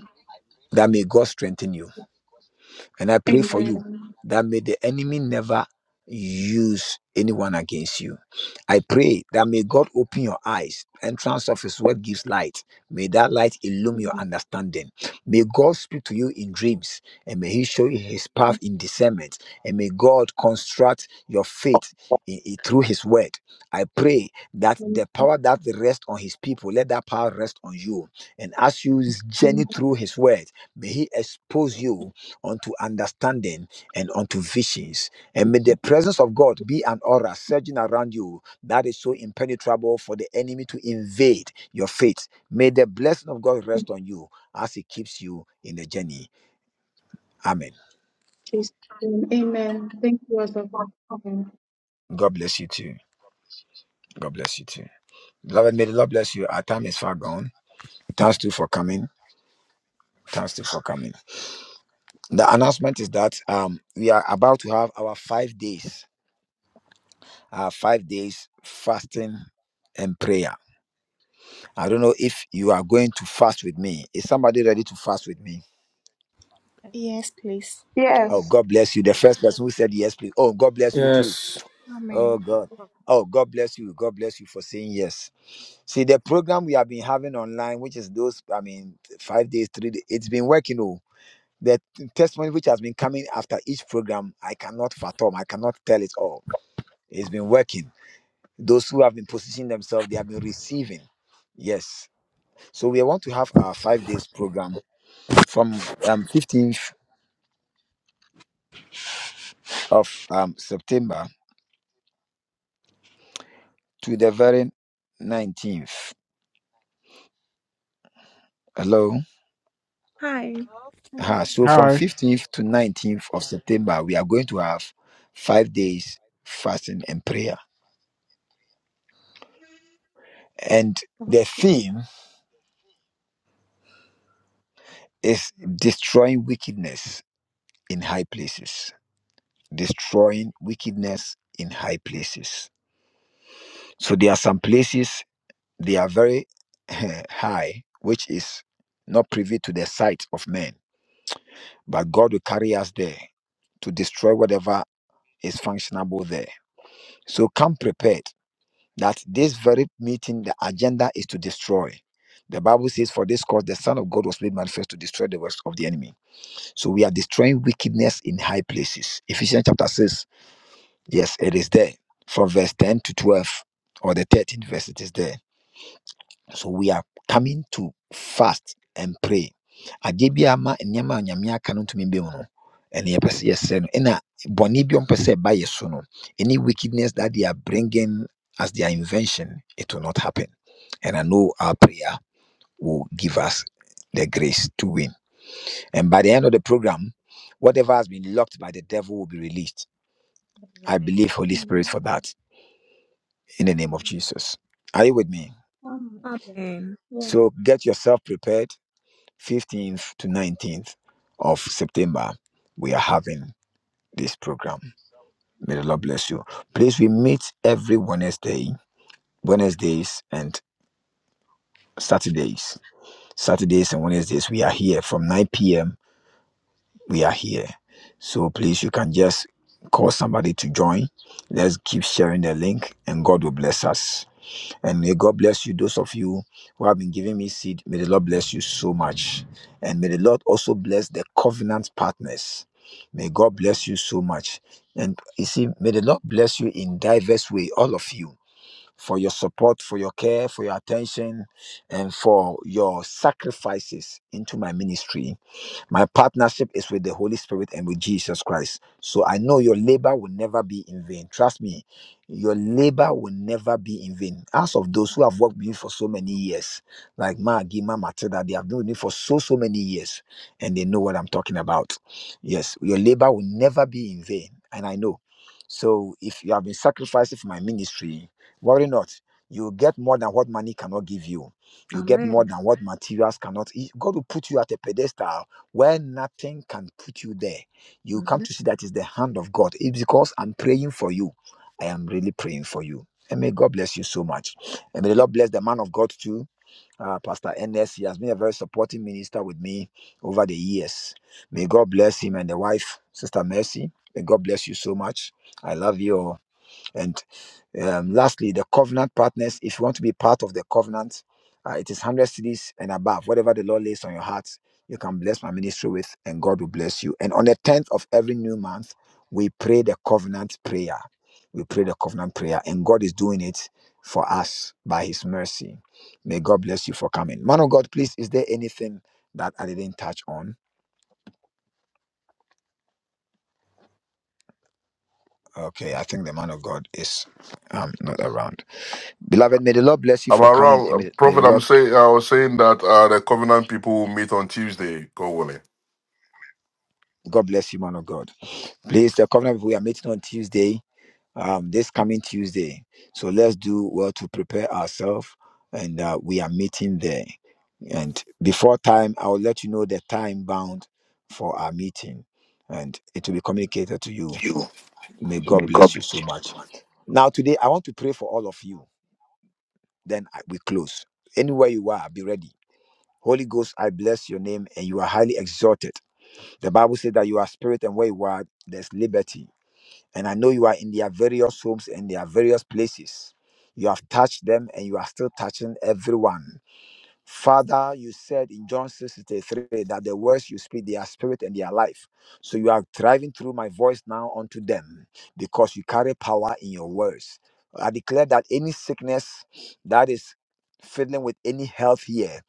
that may god strengthen you And I pray for you Amen. that may the enemy never use anyone against you. I pray that may God open your eyes. Entrance of his word gives light. May that light illume your understanding. May God speak to you in dreams and may he show you his path in discernment. And may God construct your faith in, in- through his word. I pray that the power that rests on his people, let that power rest on you. And as you journey In through his word, may he expose you unto understanding and unto visions. And may the presence of God be an aura surging around you that is so impenetrable for the enemy to invade your faith. May the blessing of God rest on you as He keeps you in the journey. Amen. Jesus' name. Amen. Thank you, Pastor. Amen. God bless you too. God bless you too. Beloved, may the Lord bless you. Our time is far gone. Thanks too for coming. Thanks too for coming. The announcement is that um, we are about to have our five days, our five days fasting and prayer I don't know if you are going to fast with me. Is somebody ready to fast with me? Yes. Yes, please. Oh, Yes. God bless you. The first person who said yes, please. Oh, God bless you too. Yes. Amen. Oh, God. Oh, Oh, God bless you. God bless you for saying yes. See, the program we have been having online, which is those, I mean, five days, three days, it's been working. Oh, the t- testimony which has been coming after each program, I cannot fathom. I cannot tell it all. It's been working. Those who have been positioning themselves, they have been receiving. Yes. So we want to have our five days program from um, 15th of um, September to the very 19th. Hello. Hi. Hello. Uh, Amen. so from Hi. 15th to 19th of September, we are going to have five days fasting and prayer. And Got the you. theme is destroying wickedness in high places. Destroying wickedness in high places. So there are some places they are very [laughs] high, which is not privy to the sight of men but God will carry us there to destroy whatever is functionable there. So come prepared that this very meeting, the agenda is to destroy. The Bible says, For this cause the Son of God was made manifest to destroy the works of the enemy. So we are destroying wickedness in high places. Ephesians chapter 6, yes, it is there. From verse 10 to 12 or the 13th verse, it is there. So we are coming to fast and pray. Adeɛ bi ama nneɛma a Nyame aka no ntumi bɛn mu no, ɛno yɛpɛ sɛ yɛsɛ no. Ɛna bɔne bi a ɔmpɛ sɛ ɛba yɛ so no, any wickedness that they are bringing as their invention, it will not happen. And I know our prayer will give us the grace to win. And by the end of the program, whatever has been locked by the devil will be released. I Amen. believe Holy Spirit for Amen. that in the name of Amen. Jesus. Are you with me? Amen. Yes. Amen. Yes. So get yourself prepared 15th to 19th of September, we are having this program. May the Lord bless you. Please, we meet every Wednesday, Wednesdays and Saturdays. Saturdays and Wednesdays, we are here from 9 p.m. We are here. So please, you can just call somebody to join. Let's keep sharing the link, and God will bless us. And may God bless you, those of you who have been giving me seed. May the Lord bless you so much. And may the Lord also bless the covenant partners. May God bless Amen. you so much. And you see, may the Lord bless you in diverse way, all of you, for your Amen. support, for your care, for your attention, and for your sacrifices into my ministry my partnership is with the Holy Spirit and with Jesus Christ. So I know your labor will never be in vain. Trust me, your labor will never be in vain. As of those who have worked with you for so many years, like Ma Gima Matilda, they have been with me for so, so many years, and they know what I'm talking about. Yes, your labor will never be in vain. And I know. So if you have been sacrificing for my ministry, worry not. You'll get more than what money cannot give you. You'll get more Amen. than what materials cannot. He- God will put you at a pedestal where nothing can put you there. You come Amen. to see that is the hand of God. It's because I'm praying for you. I am really praying for you. And may God bless you so much. And may the Lord bless the man of God too. Uh, Pastor Ernest, he has been a very supporting minister with me over the years. May God bless him and the wife, Sister Mercy. May God bless you so much. I love you. all. And um, lastly, the covenant partners. If you want to be part of the covenant, uh, it is 100 cities and above. Whatever the Lord lays on your heart, you can bless my ministry with, and God will bless you. And on the 10th of every new month, we pray the covenant prayer. We pray the covenant prayer, and God is doing it for us by His mercy. May God bless you for coming. Man of God, please, is there anything that I didn't touch on? Okay, I think the man of God is um, not around. Beloved, may the Lord bless you Am for I coming wrong, and Uh, may, may the Prophet? I'm Lord saying I was saying that uh, the covenant people will meet on Tuesday. God willing. God bless you, man of God. Please, the covenant people, we are meeting on Tuesday, um, this coming Tuesday. So let's do well to prepare ourselves, and uh, we are meeting there. And before time, I will let you know the time bound for our meeting, and it will be communicated to you. you. May God bless you so much. Now, today, I want to pray for all of you. Then I- we close. Anywhere you are, be ready. Holy Ghost, I bless your name, and you are highly exalted. The Bible says that you are spirit, and where you are, there's liberty. And I know you are in their various homes and their various places. You have touched them and you are still touching everyone. Father, you said in John six 63 that the words you speak, they are spirit and they are life. So you are driving through my voice now unto them because you carry power in your words. I declare that any sickness that is fiddling with any health here,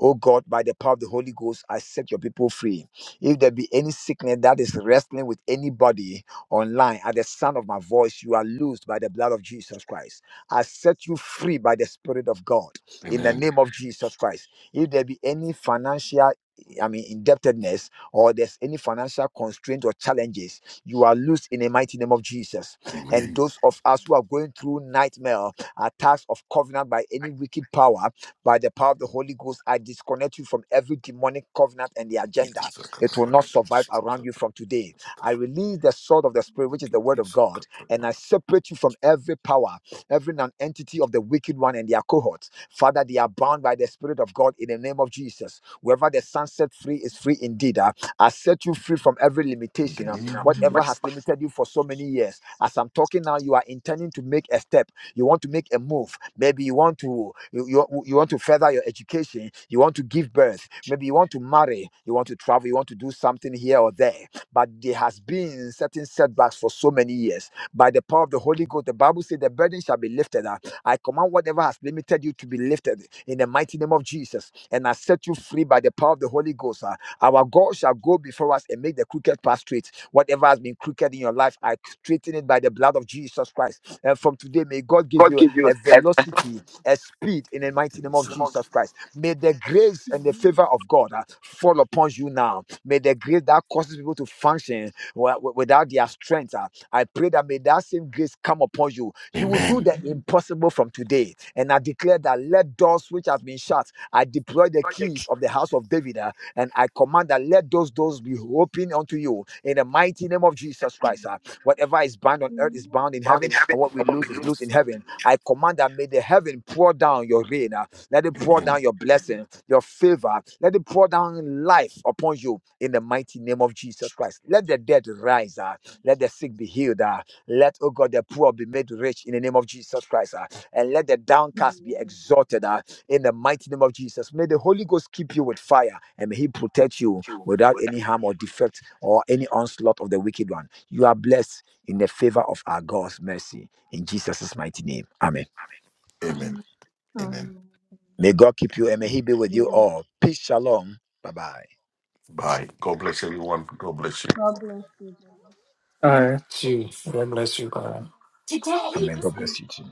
oh God, by the power of the Holy Ghost, I set your people free. If there be any sickness that is wrestling with anybody online, at the sound of my voice, you are loosed by the blood of Jesus Christ. I set you free by the Spirit of God in the Amen. name of Jesus Christ. If there be any financial I mean, indebtedness, or there's any financial constraint or challenges, you are loose in the mighty name of Jesus. And Amen. those of us who are going through nightmare, attacks of covenant by any wicked power, by the power of the Holy Ghost, I disconnect you from every demonic covenant and the In agenda. It will not survive around you from today. I release the sword of the Spirit, which is the word of God, and I separate you from every power, every non entity of the wicked one and their cohort. Father, they are bound by the Spirit of God in the name of Jesus. Whoever the Son set free is free indeed. ah. I set you free from every the limitation. ah. You name know, of Whatever what has limited you for so many years. As I'm talking now, you are intending to make a step. You want to make a move. Maybe you want to you, you, you want to further your education. You want to give birth. Maybe you want to marry. You want to travel. You want to do something here or there. But there has been certain setbacks for so many years by the power of the Holy Ghost. The Bible says the burden shall be lifted. up. I command whatever has limited you to be lifted in the mighty name of Jesus. And I set you free by the power of the Holy Ghost. ah. Our God shall go before us and make the crooked path straight. Whatever has been crooked in your life, I straighten it by the blood of Jesus Christ. And from today, may God give God you gave you a as a velocity, a speed in the mighty name Jesus. of symbol Jesus Christ. May the grace and the Amen. favor of God ah, fall upon you now. May the grace that causes people to function wi- wi- without their strength. uh, I pray that may that same grace come upon you. You will do Amen. the impossible from today. And I declare that let doors which have been shut, I deploy the God the keys kingdom of the house of David, uh, and I command that let those doors be open unto you in the mighty name of Jesus which is Christ. uh. whatever is bound on earth is bound in Amen. found in heaven, heaven and what we and what we lose is loose lose in heaven. I command that may the heaven pour down your rain. uh. let it pour down Amen. your blessing, your favor. Let it pour down life upon you in the mighty name of Jesus Christ. Let the dead rise. ah. Let the sick be healed. ah. Let, oh God, the poor be made rich in the name of Jesus Christ. ah. And let the downcast be Amen. exalted ah, in the mighty name of Jesus. May the Holy Ghost keep you with fire and may He protect you you without for that. any harm or defect or any onslaught of the wicked one. You are blessed in the favor of our God's mercy. In Jesus' mighty name. Amen. Amen. Amen. Amen. Amen. Amen. May God keep you and may He be with you all. Peace, shalom. Bye bye. Bye. God bless everyone. God bless you. God bless you, brother. All right. Gee, God bless you, God. Amen. God bless you too.